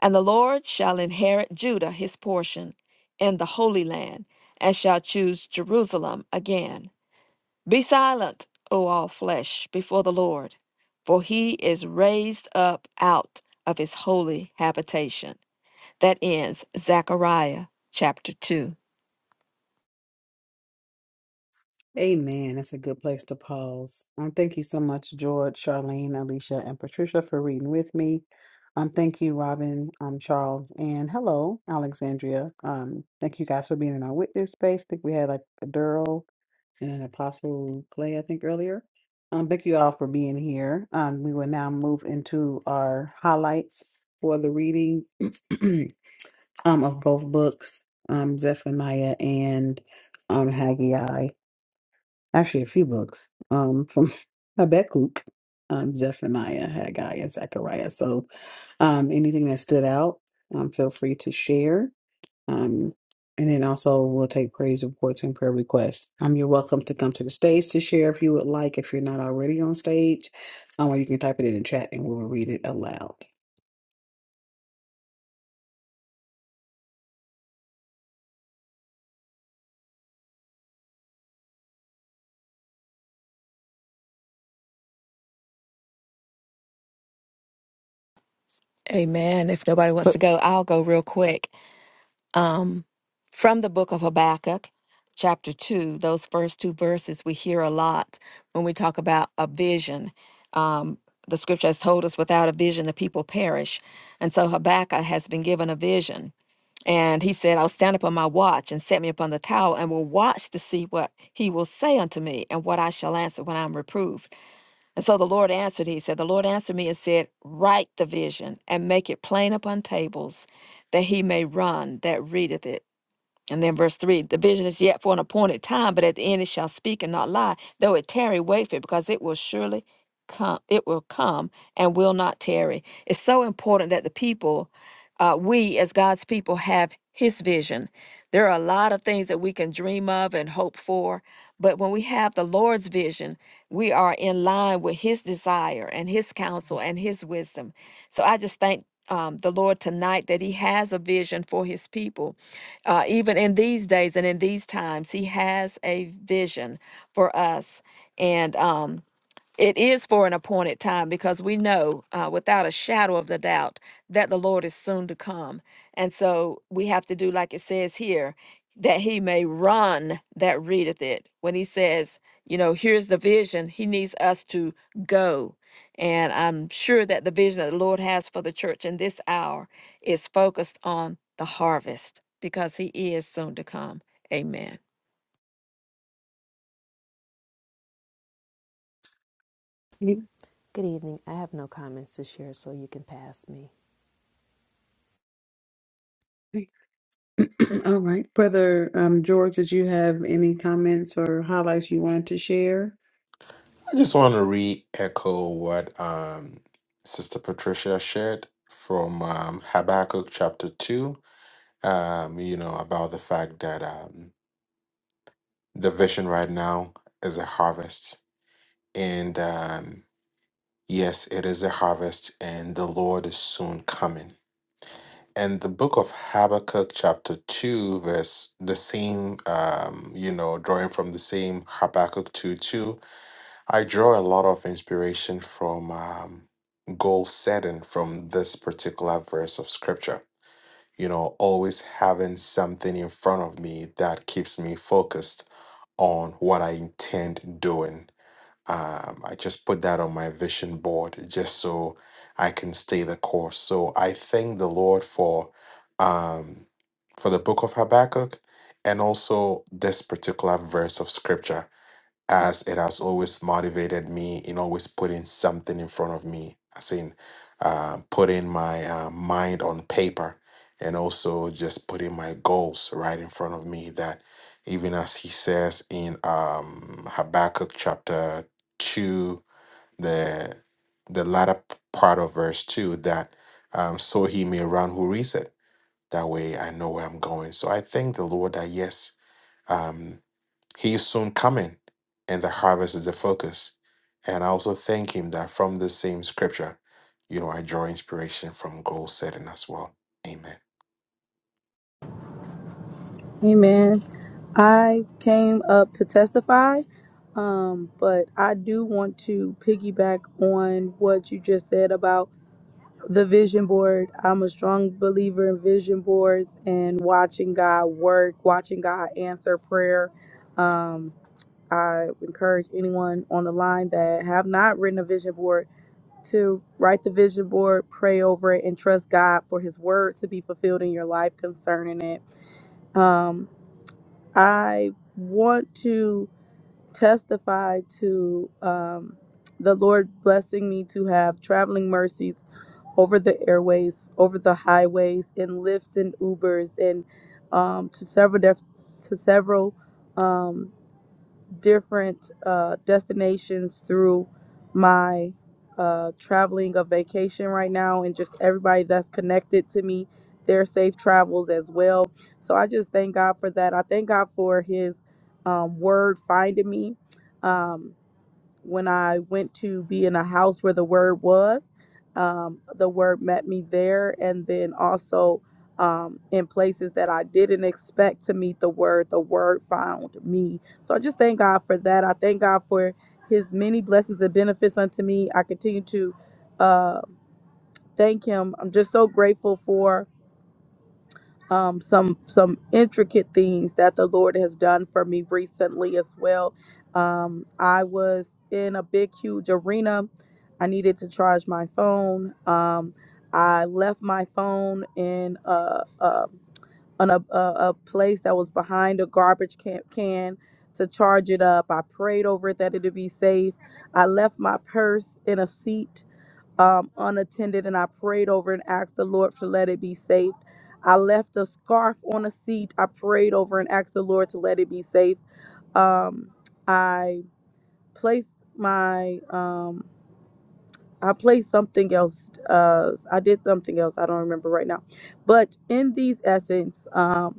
And the Lord shall inherit Judah his portion in the Holy Land, and shall choose Jerusalem again. Be silent, O all flesh, before the Lord, for he is raised up out of his holy habitation. That ends Zechariah chapter 2.
Amen. That's a good place to pause. Um, thank you so much, George, Charlene, Alicia, and Patricia for reading with me. Um, thank you, Robin, um, Charles, and hello, Alexandria. Um, thank you guys for being in our witness space. I think we had like a Daryl and Apostle Clay, I think, earlier. Um, thank you all for being here. Um, we will now move into our highlights for the reading [clears throat] um, of both books, um, Zephaniah and um, Haggai actually a few books um, from [laughs] Habakkuk, um, Zephaniah, Haggai, and Zechariah. So um, anything that stood out, um, feel free to share. Um, and then also we'll take praise reports and prayer requests. Um, you're welcome to come to the stage to share if you would like, if you're not already on stage, um, or you can type it in the chat and we'll read it aloud.
Amen. If nobody wants
But
to go, I'll go real quick. Um, from the book of Habakkuk, chapter 2, those first two verses we hear a lot when we talk about a vision. Um, the scripture has told us without a vision, the people perish. And so Habakkuk has been given a vision. And he said, I'll stand upon my watch and set me upon the tower and will watch to see what he will say unto me and what I shall answer when I'm reproved. And so the Lord answered, he said, The Lord answered me and said, Write the vision and make it plain upon tables that he may run that readeth it. And then verse 3 the vision is yet for an appointed time, but at the end it shall speak and not lie. Though it tarry, wait for it, because it will surely come, it will come and will not tarry. It's so important that the people, uh, we as God's people, have his vision. There are a lot of things that we can dream of and hope for, but when we have the Lord's vision, we are in line with his desire and his counsel and his wisdom. So I just thank um, the Lord tonight that he has a vision for his people uh, even in these days and in these times, He has a vision for us. And um, it is for an appointed time because we know uh, without a shadow of the doubt that the Lord is soon to come. And so we have to do like it says here that he may run that readeth it. When he says, you know, here's the vision, he needs us to go. And I'm sure that the vision that the Lord has for the church in this hour is focused on the harvest because he is soon to come. Amen.
You-
Good evening. I have no comments to share, so you can pass me.
[clears throat] All right, brother um, George, did you have any comments or highlights you wanted to share?
I just want to re echo what um, Sister Patricia shared from um, Habakkuk chapter 2, um, you know, about the fact that um, the vision right now is a harvest. And um, yes, it is a harvest, and the Lord is soon coming and the book of Habakkuk, chapter 2, verse the same, um, you know, drawing from the same Habakkuk 2 2, I draw a lot of inspiration from um, goal setting from this particular verse of scripture. You know, always having something in front of me that keeps me focused on what I intend doing um, I just put that on my vision board just so I can stay the course. So I thank the Lord for um, for the book of Habakkuk and also this particular verse of scripture as it has always motivated me in always putting something in front of me, as in uh, putting my uh, mind on paper and also just putting my goals right in front of me. That even as he says in um, Habakkuk chapter 2, the, the latter p- part of verse 2, that um, so he may run who reads it. That way I know where I'm going. So I thank the Lord that yes. um, he is soon coming, and the harvest is the focus. And I also thank him that from the same scripture, you know, I draw inspiration from goal setting as well. Amen.
Amen. I came up to testify, um, but I do want to piggyback on what you just said about the vision board. I'm a strong believer in vision boards and watching God work, watching God answer prayer. Um, I encourage anyone on the line that have not written a vision board to write the vision board, pray over it, and trust God for His word to be fulfilled in your life concerning it. Um, I want to testify to um, the Lord blessing me to have traveling mercies over the airways, over the highways, and lifts and Ubers, and um, to several def- to several. um, different uh, destinations through my uh, traveling of vacation right now, and just everybody that's connected to me, their safe travels as well. So I just thank God for that. I thank God for His um, word finding me. Um, when I went to be in a house where the word was, um, the word met me there. And then also um, in places that I didn't expect to meet the word, the word found me. So I just thank God for that. I thank God for his many blessings and benefits unto me. I continue to uh, thank him. I'm just so grateful for um, some some intricate things that the Lord has done for me recently as well. Um, I was in a big, huge arena. I needed to charge my phone. Um, I left my phone in a, a, on a, a, a place that was behind a garbage can, can to charge it up. I prayed over it that it would be safe. I left my purse in a seat um, unattended and I prayed over and asked the Lord to let it be saved. I left a scarf on a seat. I prayed over and asked the Lord to let it be safe. Um, I placed my um, I placed something else. Uh, I did something else. I don't remember right now. But in these essence, um,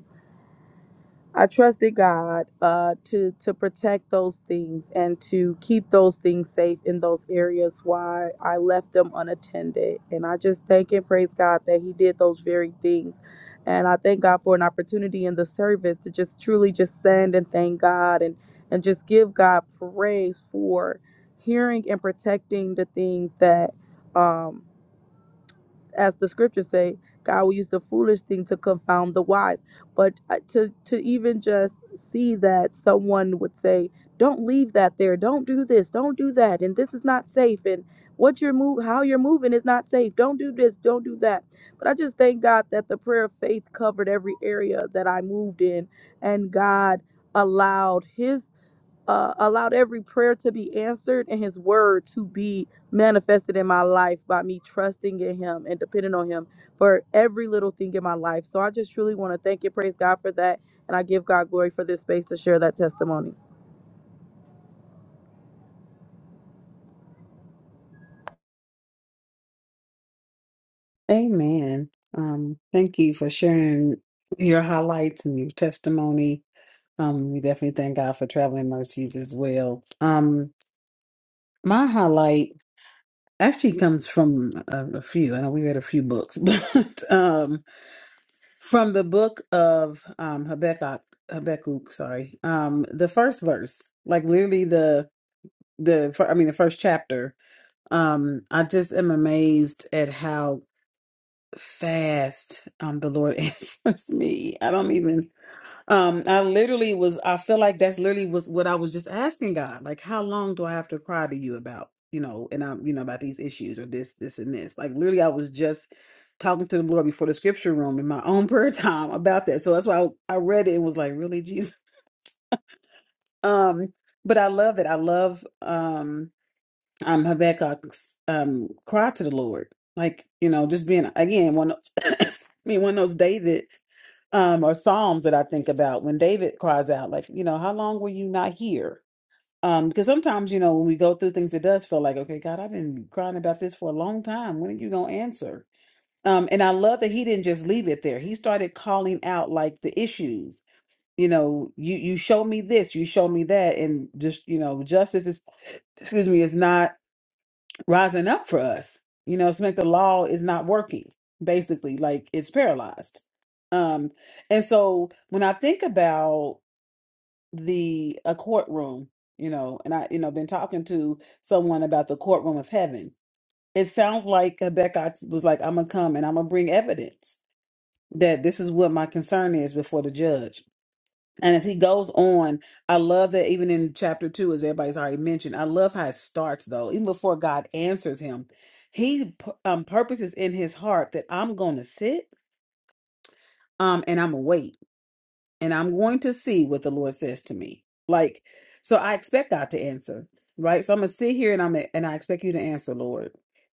I trusted God uh, to to protect those things and to keep those things safe in those areas why I left them unattended. And I just thank and praise God that He did those very things. And I thank God for an opportunity in the service to just truly just send and thank God and and just give God praise for hearing and protecting the things that. Um, as the scriptures say, God will use the foolish thing to confound the wise. But uh, to to even just see that someone would say, "Don't leave that there. Don't do this. Don't do that. And this is not safe. And what you're move, how you're moving is not safe. Don't do this. Don't do that." But I just thank God that the prayer of faith covered every area that I moved in, and God allowed His uh, allowed every prayer to be answered and his word to be manifested in my life by me trusting in him and depending on him for every little thing in my life. So I just truly want to thank and praise God for that. And I give God glory for this space to share that testimony.
Amen. Um, thank you for sharing your highlights and your testimony. Um, we definitely thank God for traveling mercies as well. Um, my highlight actually comes from a, a few. I know we read a few books, [laughs] but um, from the book of um, Habakkuk. Habakkuk, sorry. Um, the first verse, like literally the the fir- I mean the first chapter. Um, I just am amazed at how fast um the lord [laughs] answers me i don't even um i literally was i feel like that's literally was what i was just asking god like how long do i have to cry to you about you know and i'm you know about these issues or this this and this like literally i was just talking to the lord before the scripture room in my own [laughs] prayer time about that so that's why i, I read it and was like really jesus um but i love that i love um um Habakkuk um cried to the Lord. Like, you know, just being again one of [coughs] being one of those David um or Psalms that I think about when David cries out, like, you know, how long were you not here? Um, because sometimes, you know, when we go through things, it does feel like, okay, God, I've been crying about this for a long time. When are you gonna answer? Um, and I love that he didn't just leave it there. He started calling out like the issues. You know, you you show me this, you show me that, and just you know, justice is excuse me, is not rising up for us. You know, it's like the law is not working, basically, like it's paralyzed. Um, and so when I think about the a courtroom, you know, and I, you know, been talking to someone about the courtroom of heaven, it sounds like Rebecca was like, I'm gonna come and I'm gonna bring evidence that this is what my concern is before the judge and as he goes on, I love that even in chapter two, as everybody's already mentioned, I love how it starts though. Even before God answers him, he pu- um, purposes in his heart that I'm going to sit um, and I'm going to wait and I'm going to see what the Lord says to me. Like, so I expect God to answer, right? So I'm going to sit here and I'm and I expect you to answer, Lord,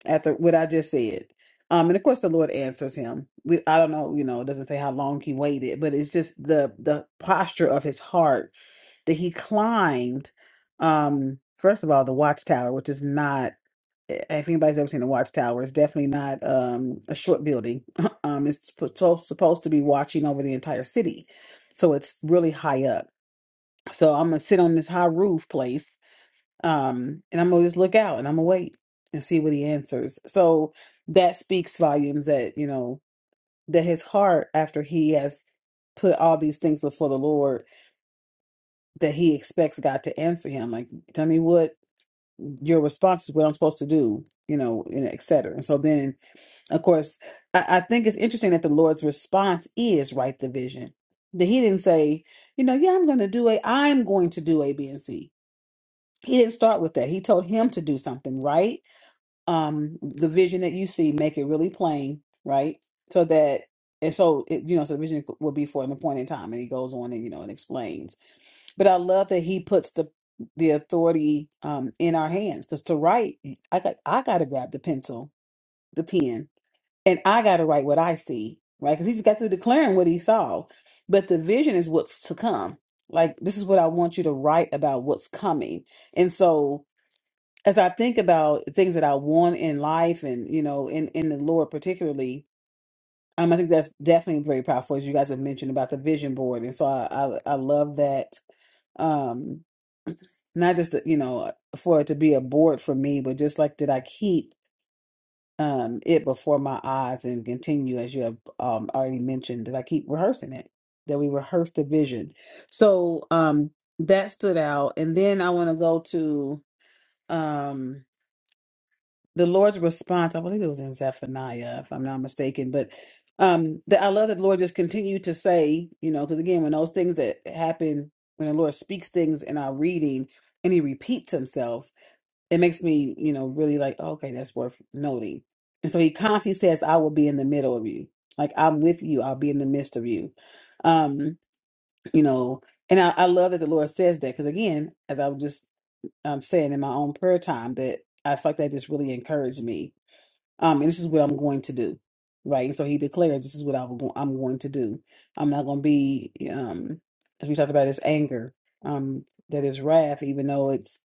after what I just said. Um, and of course, the Lord answers him. We, I don't know, you know, it doesn't say how long he waited, but it's just the the posture of his heart that he climbed um first of all the watchtower which is not i- if anybody's ever seen the watchtower it's definitely not um a short building [laughs] um it's suppo- so- supposed to be watching over the entire city so it's really high up so i'm gonna sit on this high roof place um and i'm gonna just look out and i'm gonna wait and see what he answers so that speaks volumes that you know that his heart after he has put all these things before the lord that he expects god to answer him like tell me what your response is what I'm supposed to do, you know, and et cetera. And so then, of course, I, I think it's interesting that the Lord's response is right the vision. That he didn't say, you know, yeah, I'm going to do a, I'm going to do A, B, and C. He didn't start with that. He told him to do something, right? Um, the vision that you see, make it really plain, right? So that, and so, it, you know, so the vision will be for an appointed time. And he goes on and, you know, and explains. But I love that he puts the the authority um, in our hands. Because to write, I got I got to grab the pencil, the pen, and I got to write what I see, right? Because he just got through declaring what he saw, but the vision is what's to come. Like this is what I want you to write about what's coming. And so as I think about things that I want in life, and you know, in in the Lord particularly. Um, I think that's definitely very powerful, as you guys have mentioned about the vision board, and so I I, I love that. Um, not just that, you know for it to be a board for me but just like that i keep um it before my eyes and continue as you have um already mentioned that i keep rehearsing it that we rehearse the vision so um that stood out and then i want to go to um the lord's response i believe it was in zephaniah if i'm not mistaken but um that i love that the lord just continued to say you know because again when those things that happen when the lord speaks things in our reading and he repeats himself it makes me, you know, really like, "Oh, okay, that's worth noting. And so he constantly says, I will be in the middle of you. Like I'm with you, I'll be in the midst of you. Um, you know, and I, I love that the Lord says that because again, as I was just um saying in my own prayer time, that I feel like that just really encouraged me. Um, and this is what I'm going to do. Right. And so he declares this is what I will go- I'm going to do. I'm not gonna be um as we talked about this anger, um, that is wrath, even though it's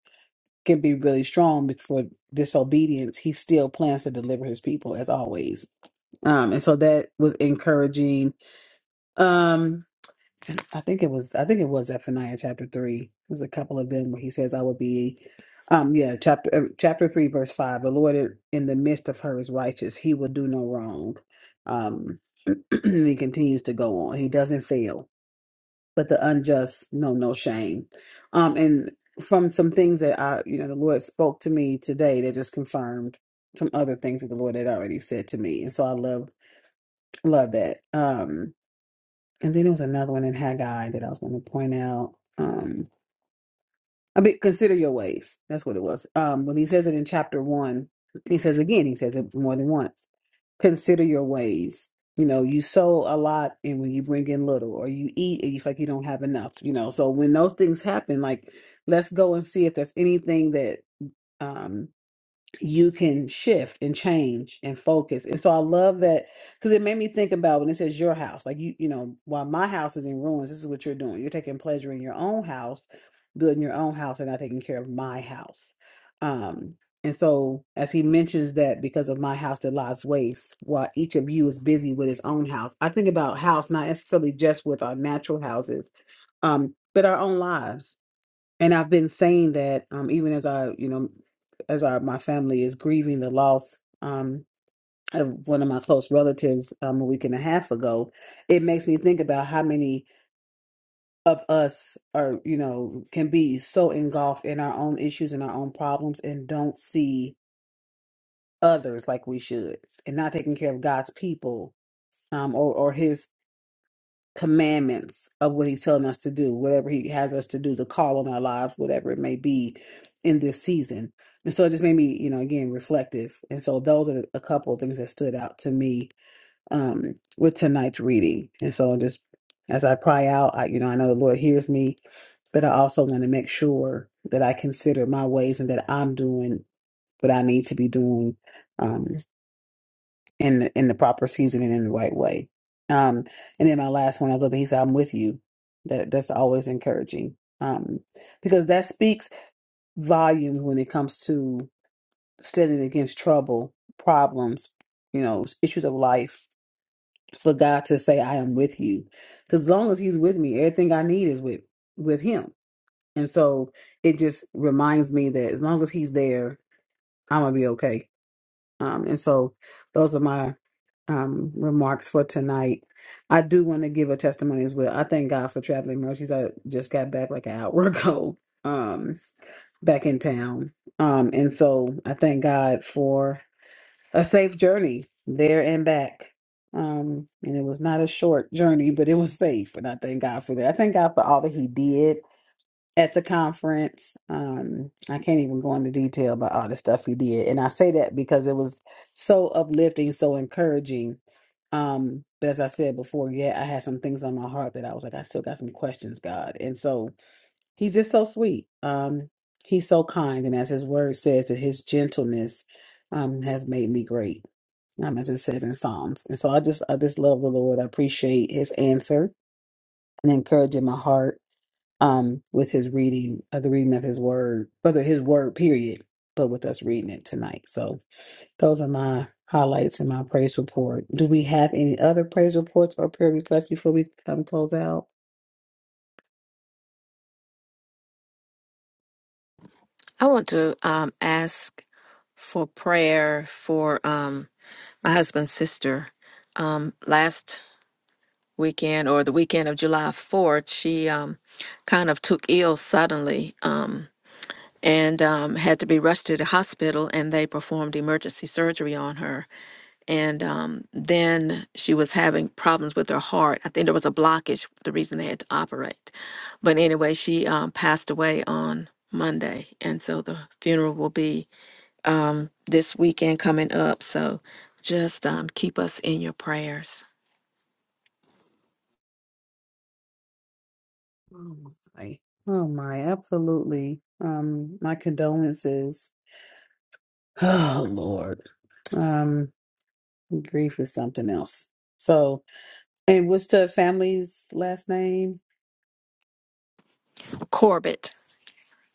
can be really strong be- for disobedience, he still plans to deliver his people as always. Um, and so that was encouraging. Um, and I think it was I think it was Zephaniah chapter three. There's a couple of them where he says, "I will be." Um, yeah, chapter uh, chapter three, verse five. The Lord in the midst of her is righteous; he will do no wrong. Um, [clears throat] he continues to go on. He doesn't fail but the unjust know no shame. Um, and from some things that I, you know, the Lord spoke to me today that just confirmed some other things that the Lord had already said to me, and so I love love that. Um, and then there was another one in Haggai that I was going to point out. Um, I mean, consider your ways. That's what it was. Um, when he says it in chapter one, he says again, he says it more than once. Consider your ways. You know, you sow a lot and when you bring in little, or you eat and you feel like you don't have enough, you know. So when those things happen, like let's go and see if there's anything that um you can shift and change and focus. And so I love that because it made me think about when it says your house, like you, you know, while my house is in ruins, this is what you're doing. You're taking pleasure in your own house, building your own house, and not taking care of my house. Um, and so as he mentions that because of my house that lies waste, while each of you is busy with his own house, I think about house not necessarily just with our natural houses, um, but our own lives and I've been saying that um, even as I, you know, as I, my family is grieving the loss um, of one of my close relatives um, a week and a half ago, it makes me think about how many of us are, you know, can be so engulfed in our own issues and our own problems and don't see others like we should and not taking care of God's people. Um, or, or his commandments of what he's telling us to do, whatever he has us to do, the call on our lives, whatever it may be in this season. And so it just made me, you know, again, reflective. And so those are a couple of things that stood out to me um, with tonight's reading. And so just as I cry out, I, you know, I know the Lord hears me, but I also want to make sure that I consider my ways and that I'm doing what I need to be doing um, in the, in the proper season and in the right way. Um, and then my last one, I love that he said, "I'm with you." That that's always encouraging um, because that speaks volumes when it comes to standing against trouble, problems, you know, issues of life. For God to say, "I am with you," because as long as He's with me, everything I need is with with Him. And so it just reminds me that as long as He's there, I'm gonna be okay um, and so those are my um, remarks for tonight. I do want to give a testimony as well. I thank God for traveling mercies. I just got back like an hour [laughs] ago, um, back in town. Um, and so I thank God for a safe journey there and back. Um, and it was not a short journey, but it was safe. And I thank God for that. I thank God for all that He did at the conference. Um, I can't even go into detail about all the stuff he did. And I say that because it was so uplifting, so encouraging. Um, but as I said before, yeah, I had some things on my heart that I was like, I still got some questions, God. And so he's just so sweet. Um, he's so kind. And as his word says, that his gentleness um has made me great. Um, as it says in Psalms. And so I just I just love the Lord. I appreciate his answer and encouraging my heart um, with his reading of the reading of his word, whether his word period, but with us reading it tonight. So those are my highlights in my praise report. Do we have any other praise reports or prayer requests before we come close out?
I want to um, ask for prayer for. Um, my husband's sister um, last weekend or the weekend of July 4th, she um, kind of took ill suddenly um, and um, had to be rushed to the hospital, and they performed emergency surgery on her. And um, then she was having problems with her heart. I think there was a blockage, the reason they had to operate. But anyway, she um, passed away on Monday, and so the funeral will be um, this weekend coming up. So just um, keep us in your prayers.
Oh my, oh my, absolutely. Um, my condolences [sighs] Oh Lord. Um grief is something else. So and what's the family's last name?
Corbett.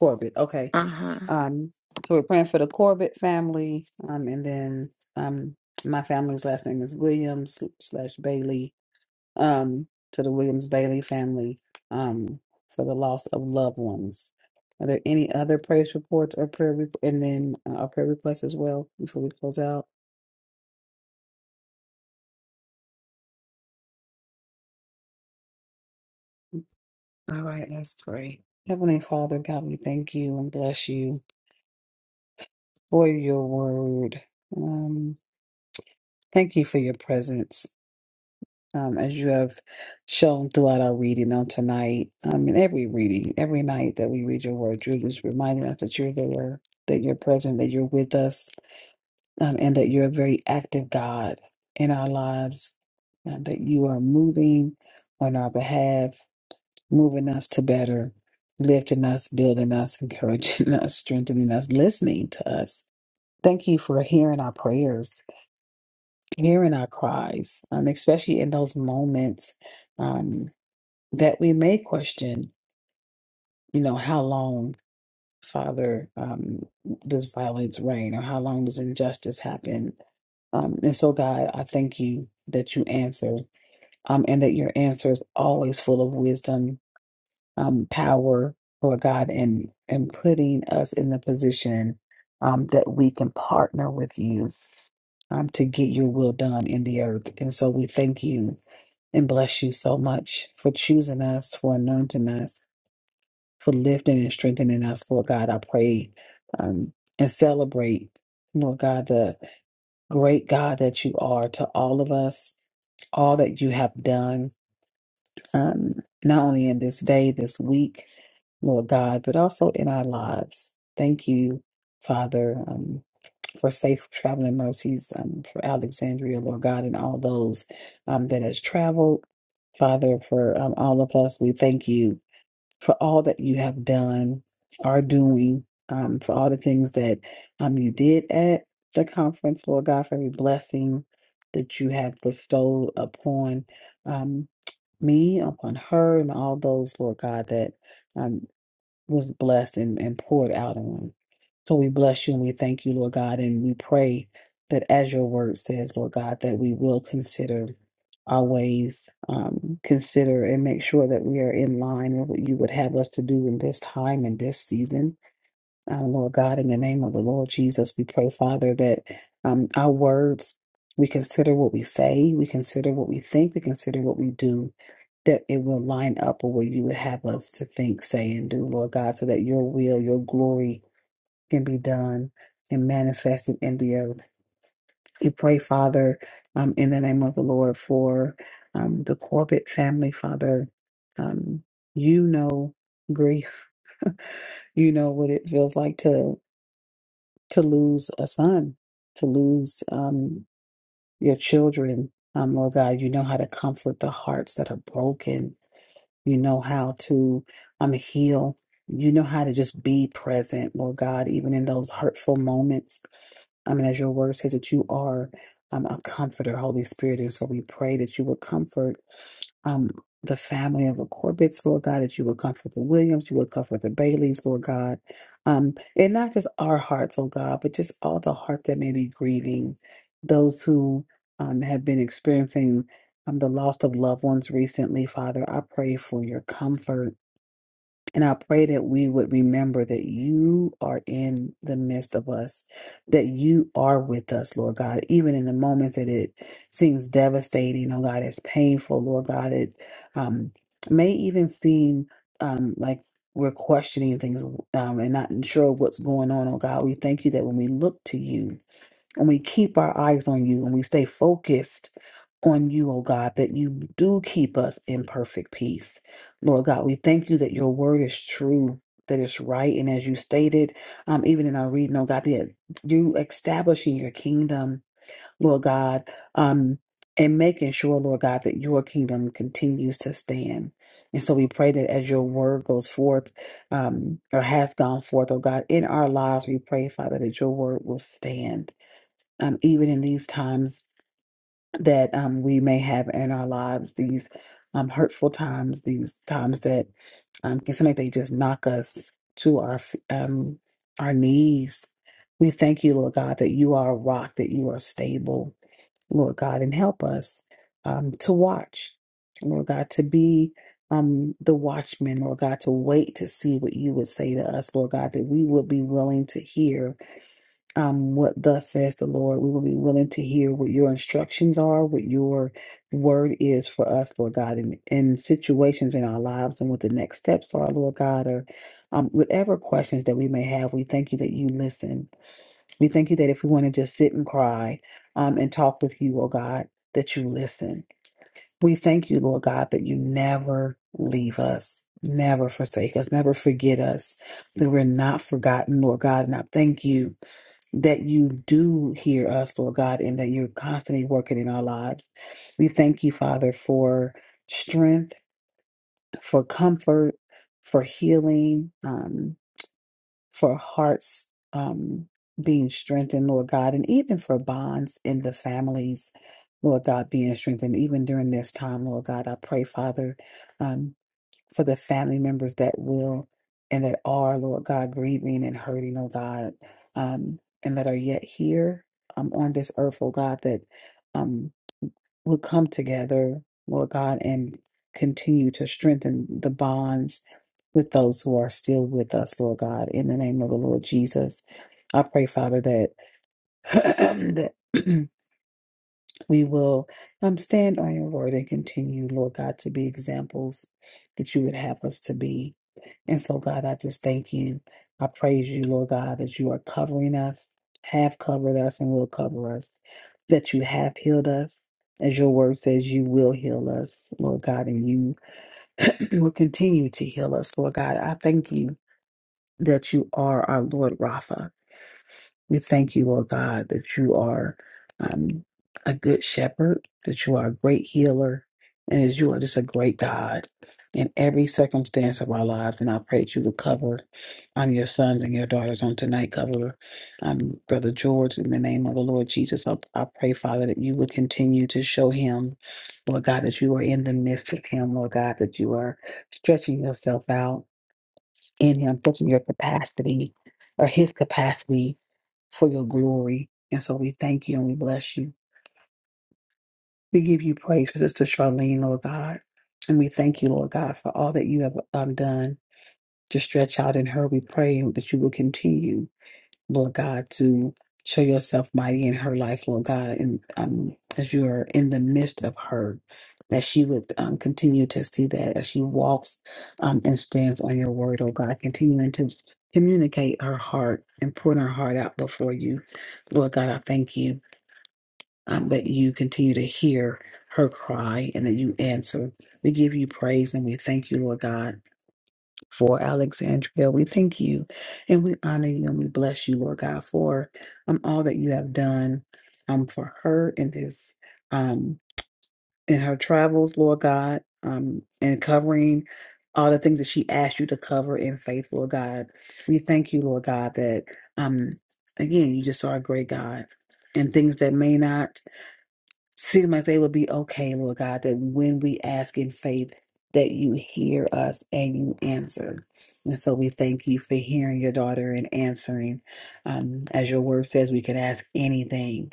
Corbett. Okay.
Uh huh.
Um so we're praying for the Corbett family. Um and then um my family's last name is Williams slash Bailey. Um to the Williams Bailey family. Um for the loss of loved ones. Are there any other praise reports or prayer re- and then uh, our prayer requests as well before we close out? All right, let's pray. Heavenly Father, God, we thank you and bless you for your word. Um, thank you for your presence um, as you have shown throughout our reading on tonight. Um, in every reading, every night that we read your word, you're just reminding us that you're there, that you're present, that you're with us, um, and that you're a very active God in our lives, and that you are moving on our behalf. moving us to better, lifting us, building us, encouraging [laughs] us, strengthening us, listening to us. Thank you for hearing our prayers, hearing our cries, um, especially in those moments um, that we may question, you know, how long, Father, um, does violence reign or how long does injustice happen? Um, and so, God, I thank you that you answer um, and that your answer is always full of wisdom um, power, Lord God, and and putting us in the position um, that we can partner with you um, to get your will done in the earth. And so we thank you and bless you so much for choosing us, for anointing us, for lifting and strengthening us, Lord God. I pray um, and celebrate, Lord God, the great God that you are to all of us, all that you have done um, not only in this day, this week, Lord God, but also in our lives. Thank you, Father, um, for safe traveling mercies um, for Alexandria, Lord God, and all those um, that has traveled. Father, for um, all of us, we thank you for all that you have done, are doing, um, for all the things that um, you did at the conference, Lord God, for every blessing that you have bestowed upon um, me, upon her, and all those, Lord God, that. um, was blessed and, and poured out on. So we bless you and we thank you, Lord God, and we pray that as your word says, Lord God, that we will consider our ways, um, consider and make sure that we are in line with what you would have us to do in this time and this season. Um, Lord God, in the name of the Lord Jesus, we pray, Father, that um, our words, we consider what we say, we consider what we think, we consider what we do, that it will line up with what you would have us to think, say, and do, Lord God, so that your will, your glory can be done and manifested in the earth. We pray, Father, um, in the name of the Lord, for um, the Corbett family, Father. Um, you know grief. You know what it feels like to to lose a son, to lose um, your children. Um, Lord God, you know how to comfort the hearts that are broken. You know how to um, heal. You know how to just be present, Lord God, even in those hurtful moments. I mean, as your word says that you are um, a comforter, Holy Spirit. And so we pray that you will comfort um, the family of the Corbett's, Lord God, that you would comfort the Williams, you would comfort the Baileys, Lord God. Um, and not just our hearts, oh God, but just all the hearts that may be grieving, those who um, have been experiencing um, the loss of loved ones recently, Father. I pray for your comfort and I pray that we would remember that you are in the midst of us, that you are with us, Lord God, even in the moments that it seems devastating, oh God, it's painful, Lord God, it um, may even seem um, like we're questioning things um, and not sure what's going on, oh God. We thank you that when we look to you, and we keep our eyes on you and we stay focused on you, oh God, that you do keep us in perfect peace. Lord God, we thank you that your word is true, that it's right. And as you stated, um, even in our reading, oh God, that you establishing your kingdom, Lord God, um, and making sure, Lord God, that your kingdom continues to stand. And so we pray that as your word goes forth um, or has gone forth, oh God, in our lives, we pray, Father, that your word will stand um, even in these times that um, we may have in our lives, these um, hurtful times, these times that um, can seem like they just knock us to our f- um, our knees. We thank you, Lord God, that you are a rock, that you are stable, Lord God, and help us um, to watch, Lord God, to be um, the watchman, Lord God, to wait to see what you would say to us, Lord God, that we would be willing to hear um, what thus says the Lord. We will be willing to hear what your instructions are, what your word is for us, Lord God, in, in situations in our lives and what the next steps are, Lord God, or um, whatever questions that we may have. We thank you that you listen. We thank you that if we want to just sit and cry um, and talk with you, oh God, that you listen. We thank you, Lord God, that you never leave us. Never forsake us, never forget us, that we're not forgotten, Lord God. And I thank you that you do hear us, Lord God, and that you're constantly working in our lives. We thank you, Father, for strength, for comfort, for healing, um, for hearts um, being strengthened, Lord God, and even for bonds in the families. Lord God, being strengthened even during this time, Lord God, I pray, Father, um, for the family members that will and that are, Lord God, grieving and hurting, oh God, um, and that are yet here um, on this earth, oh God, that um, will come together, Lord God, and continue to strengthen the bonds with those who are still with us, Lord God, in the name of the Lord Jesus. I pray, Father, that [clears throat] that [clears throat] we will um, stand on your word and continue, Lord God, to be examples that you would have us to be and so, God, I just thank you. I praise you, Lord God, that you are covering us, have covered us, and will cover us, that you have healed us. As your word says, you will heal us, Lord God, and you [clears throat] will continue to heal us, Lord God. I thank you that you are our Lord Rapha. We thank you, Lord God, that you are um, a good shepherd, that you are a great healer, and that you are just a great God in every circumstance of our lives. And I pray that you would cover um, your sons and your daughters on tonight, cover um, Brother George in the name of the Lord Jesus. I, I pray, Father, that you would continue to show him, Lord God, that you are in the midst of him, Lord God, that you are stretching yourself out in him, pushing your capacity or his capacity for your glory. And so we thank you and we bless you. We give you praise for Sister Charlene, Lord God. And we thank you, Lord God, for all that you have um, done to stretch out in her. We pray that you will continue, Lord God, to show yourself mighty in her life, Lord God, and um, as you are in the midst of her, that she would um, continue to see that as she walks um, and stands on your word, oh God, continuing to communicate her heart and put her heart out before you. Lord God, I thank you um, that you continue to hear her cry and that you answer. We give you praise and we thank you, Lord God, for Alexandria. We thank you and we honor you and we bless you, Lord God, for um, all that you have done um, for her in this um, in her travels, Lord God, um, and covering all the things that she asked you to cover in faith, Lord God. We thank you, Lord God, that um, again you just are a great God and things that may not Seems like they will be okay, Lord God, that when we ask in faith, that you hear us and you answer. And so we thank you for hearing your daughter and answering. Um, as your word says, we can ask anything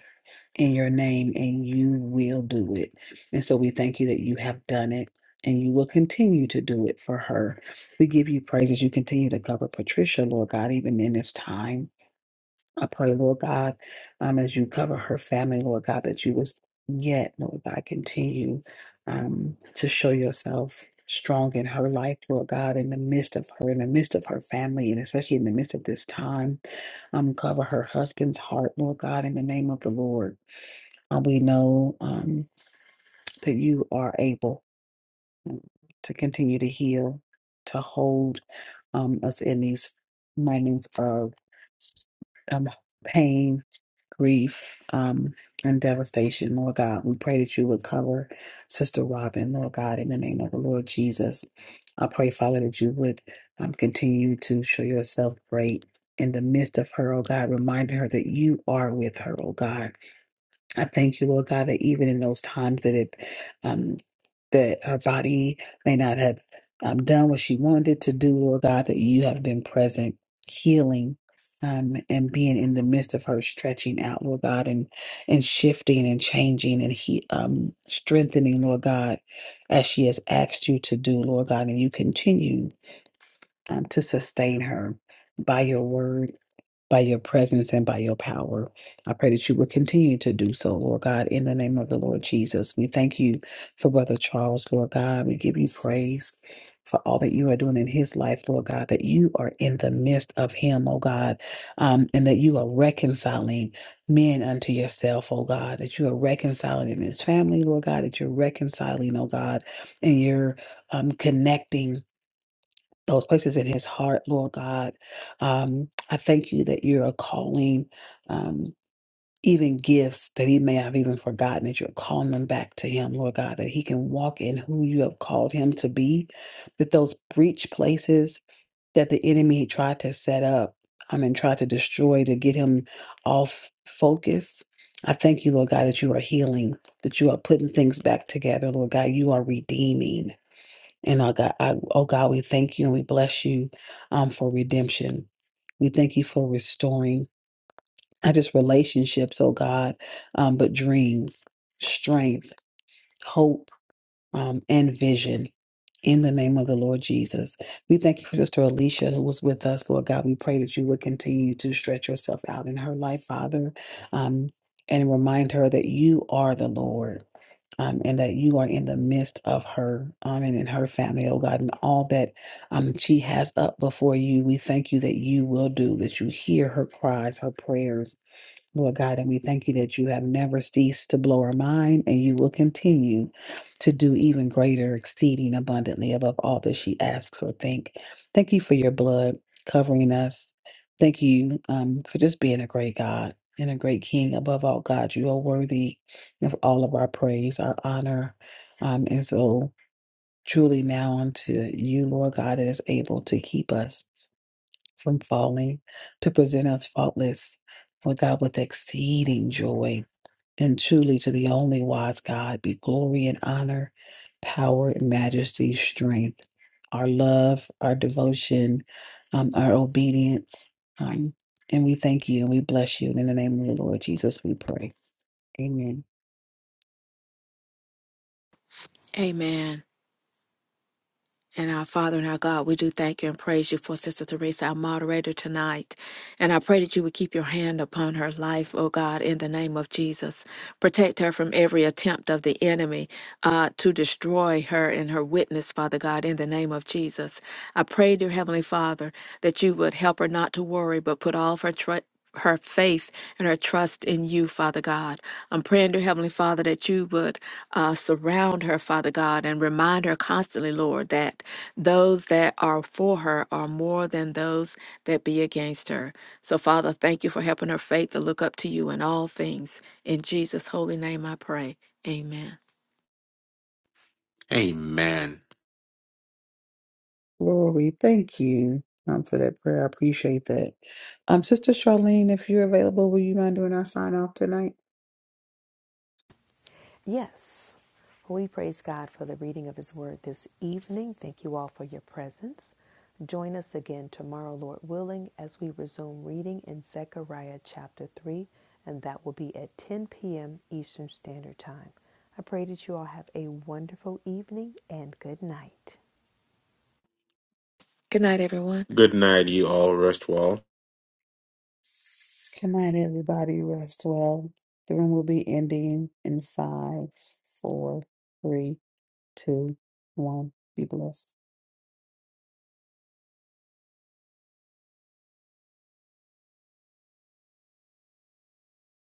in your name and you will do it. And so we thank you that you have done it and you will continue to do it for her. We give you praise as you continue to cover Patricia, Lord God, even in this time. I pray, Lord God, um, as you cover her family, Lord God, that you would yet, Lord God, continue um, to show yourself strong in her life, Lord God, in the midst of her, in the midst of her family, and especially in the midst of this time. Um, cover her husband's heart, Lord God, in the name of the Lord. Uh, we know um, that you are able to continue to heal, to hold um, us in these moments of um, pain grief, um, and devastation, Lord God. We pray that you would cover Sister Robin, Lord God, in the name of the Lord Jesus. I pray, Father, that you would um, continue to show yourself great in the midst of her, oh God, reminding her that you are with her, oh God. I thank you, Lord God, that even in those times that it, um, that her body may not have um, done what she wanted to do, Lord God, that you have been present, healing, um, and being in the midst of her stretching out, Lord God, and and shifting and changing and he um, strengthening, Lord God, as she has asked you to do, Lord God, and you continue um, to sustain her by your word by your presence and by your power. I pray that you will continue to do so, Lord God, in the name of the Lord Jesus. We thank you for Brother Charles, Lord God. We give you praise for all that you are doing in his life, Lord God, that you are in the midst of him, oh God, um, and that you are reconciling men unto yourself, oh God, that you are reconciling in his family, Lord God, that you're reconciling, oh God, and you're um, connecting those places in his heart, Lord God. Um, I thank you that you are calling um, even gifts that he may have even forgotten, that you're calling them back to him, Lord God, that he can walk in who you have called him to be, that those breach places that the enemy tried to set up, I mean, tried to destroy to get him off focus. I thank you, Lord God, that you are healing, that you are putting things back together, Lord God. You are redeeming. And oh God, I, oh God, we thank you and we bless you um, for redemption. We thank you for restoring not just relationships, oh God, um, but dreams, strength, hope, um, and vision. In the name of the Lord Jesus, we thank you for Sister Alicia who was with us, Lord God. We pray that you would continue to stretch yourself out in her life, Father, um, and remind her that you are the Lord um, and that you are in the midst of her um, and in her family, oh God, and all that um, she has up before you. We thank you that you will do, that you hear her cries, her prayers, Lord God, and we thank you that you have never ceased to blow our mind and you will continue to do even greater, exceeding abundantly above all that she asks or think. Thank you for your blood covering us. Thank you um, for just being a great God and a great King. Above all, God, you are worthy of all of our praise, our honor. Um, and so, truly, now unto you, Lord God, that is able to keep us from falling to present us faultless for God with exceeding joy. And truly to the only wise God be glory and honor, power and majesty, strength, our love, our devotion, um, our obedience. Um, and we thank you and we bless you. And in the name of the Lord Jesus, we pray. Amen.
Amen. And our Father and our God, we do thank you and praise you for Sister Teresa, our moderator tonight. And I pray that you would keep your hand upon her life, oh God, in the name of Jesus. Protect her from every attempt of the enemy uh, to destroy her and her witness, Father God, in the name of Jesus. I pray, dear Heavenly Father, that you would help her not to worry, but put all of her trust her faith and her trust in you, Father God. I'm praying, dear Heavenly Father, that you would uh, surround her, Father God, and remind her constantly, Lord, that those that are for her are more than those that be against her. So, Father, thank you for helping her faith to look up to you in all things. In Jesus' holy name I pray. Amen.
Amen.
Glory. Thank you um, for that prayer. I appreciate that. Um, Sister Charlene, if you're available, will you mind doing our sign off tonight?
Yes, we praise God for the reading of His Word this evening. Thank you all for your presence. Join us again tomorrow, Lord willing, as we resume reading in Zechariah chapter 3, and that will be at 10 p.m. Eastern Standard Time. I pray that you all have a wonderful evening and good night.
Good night, everyone.
Good night, you all. Rest well.
Good night, everybody. Rest well. The room will be ending in five, four, three, two, one. Be blessed.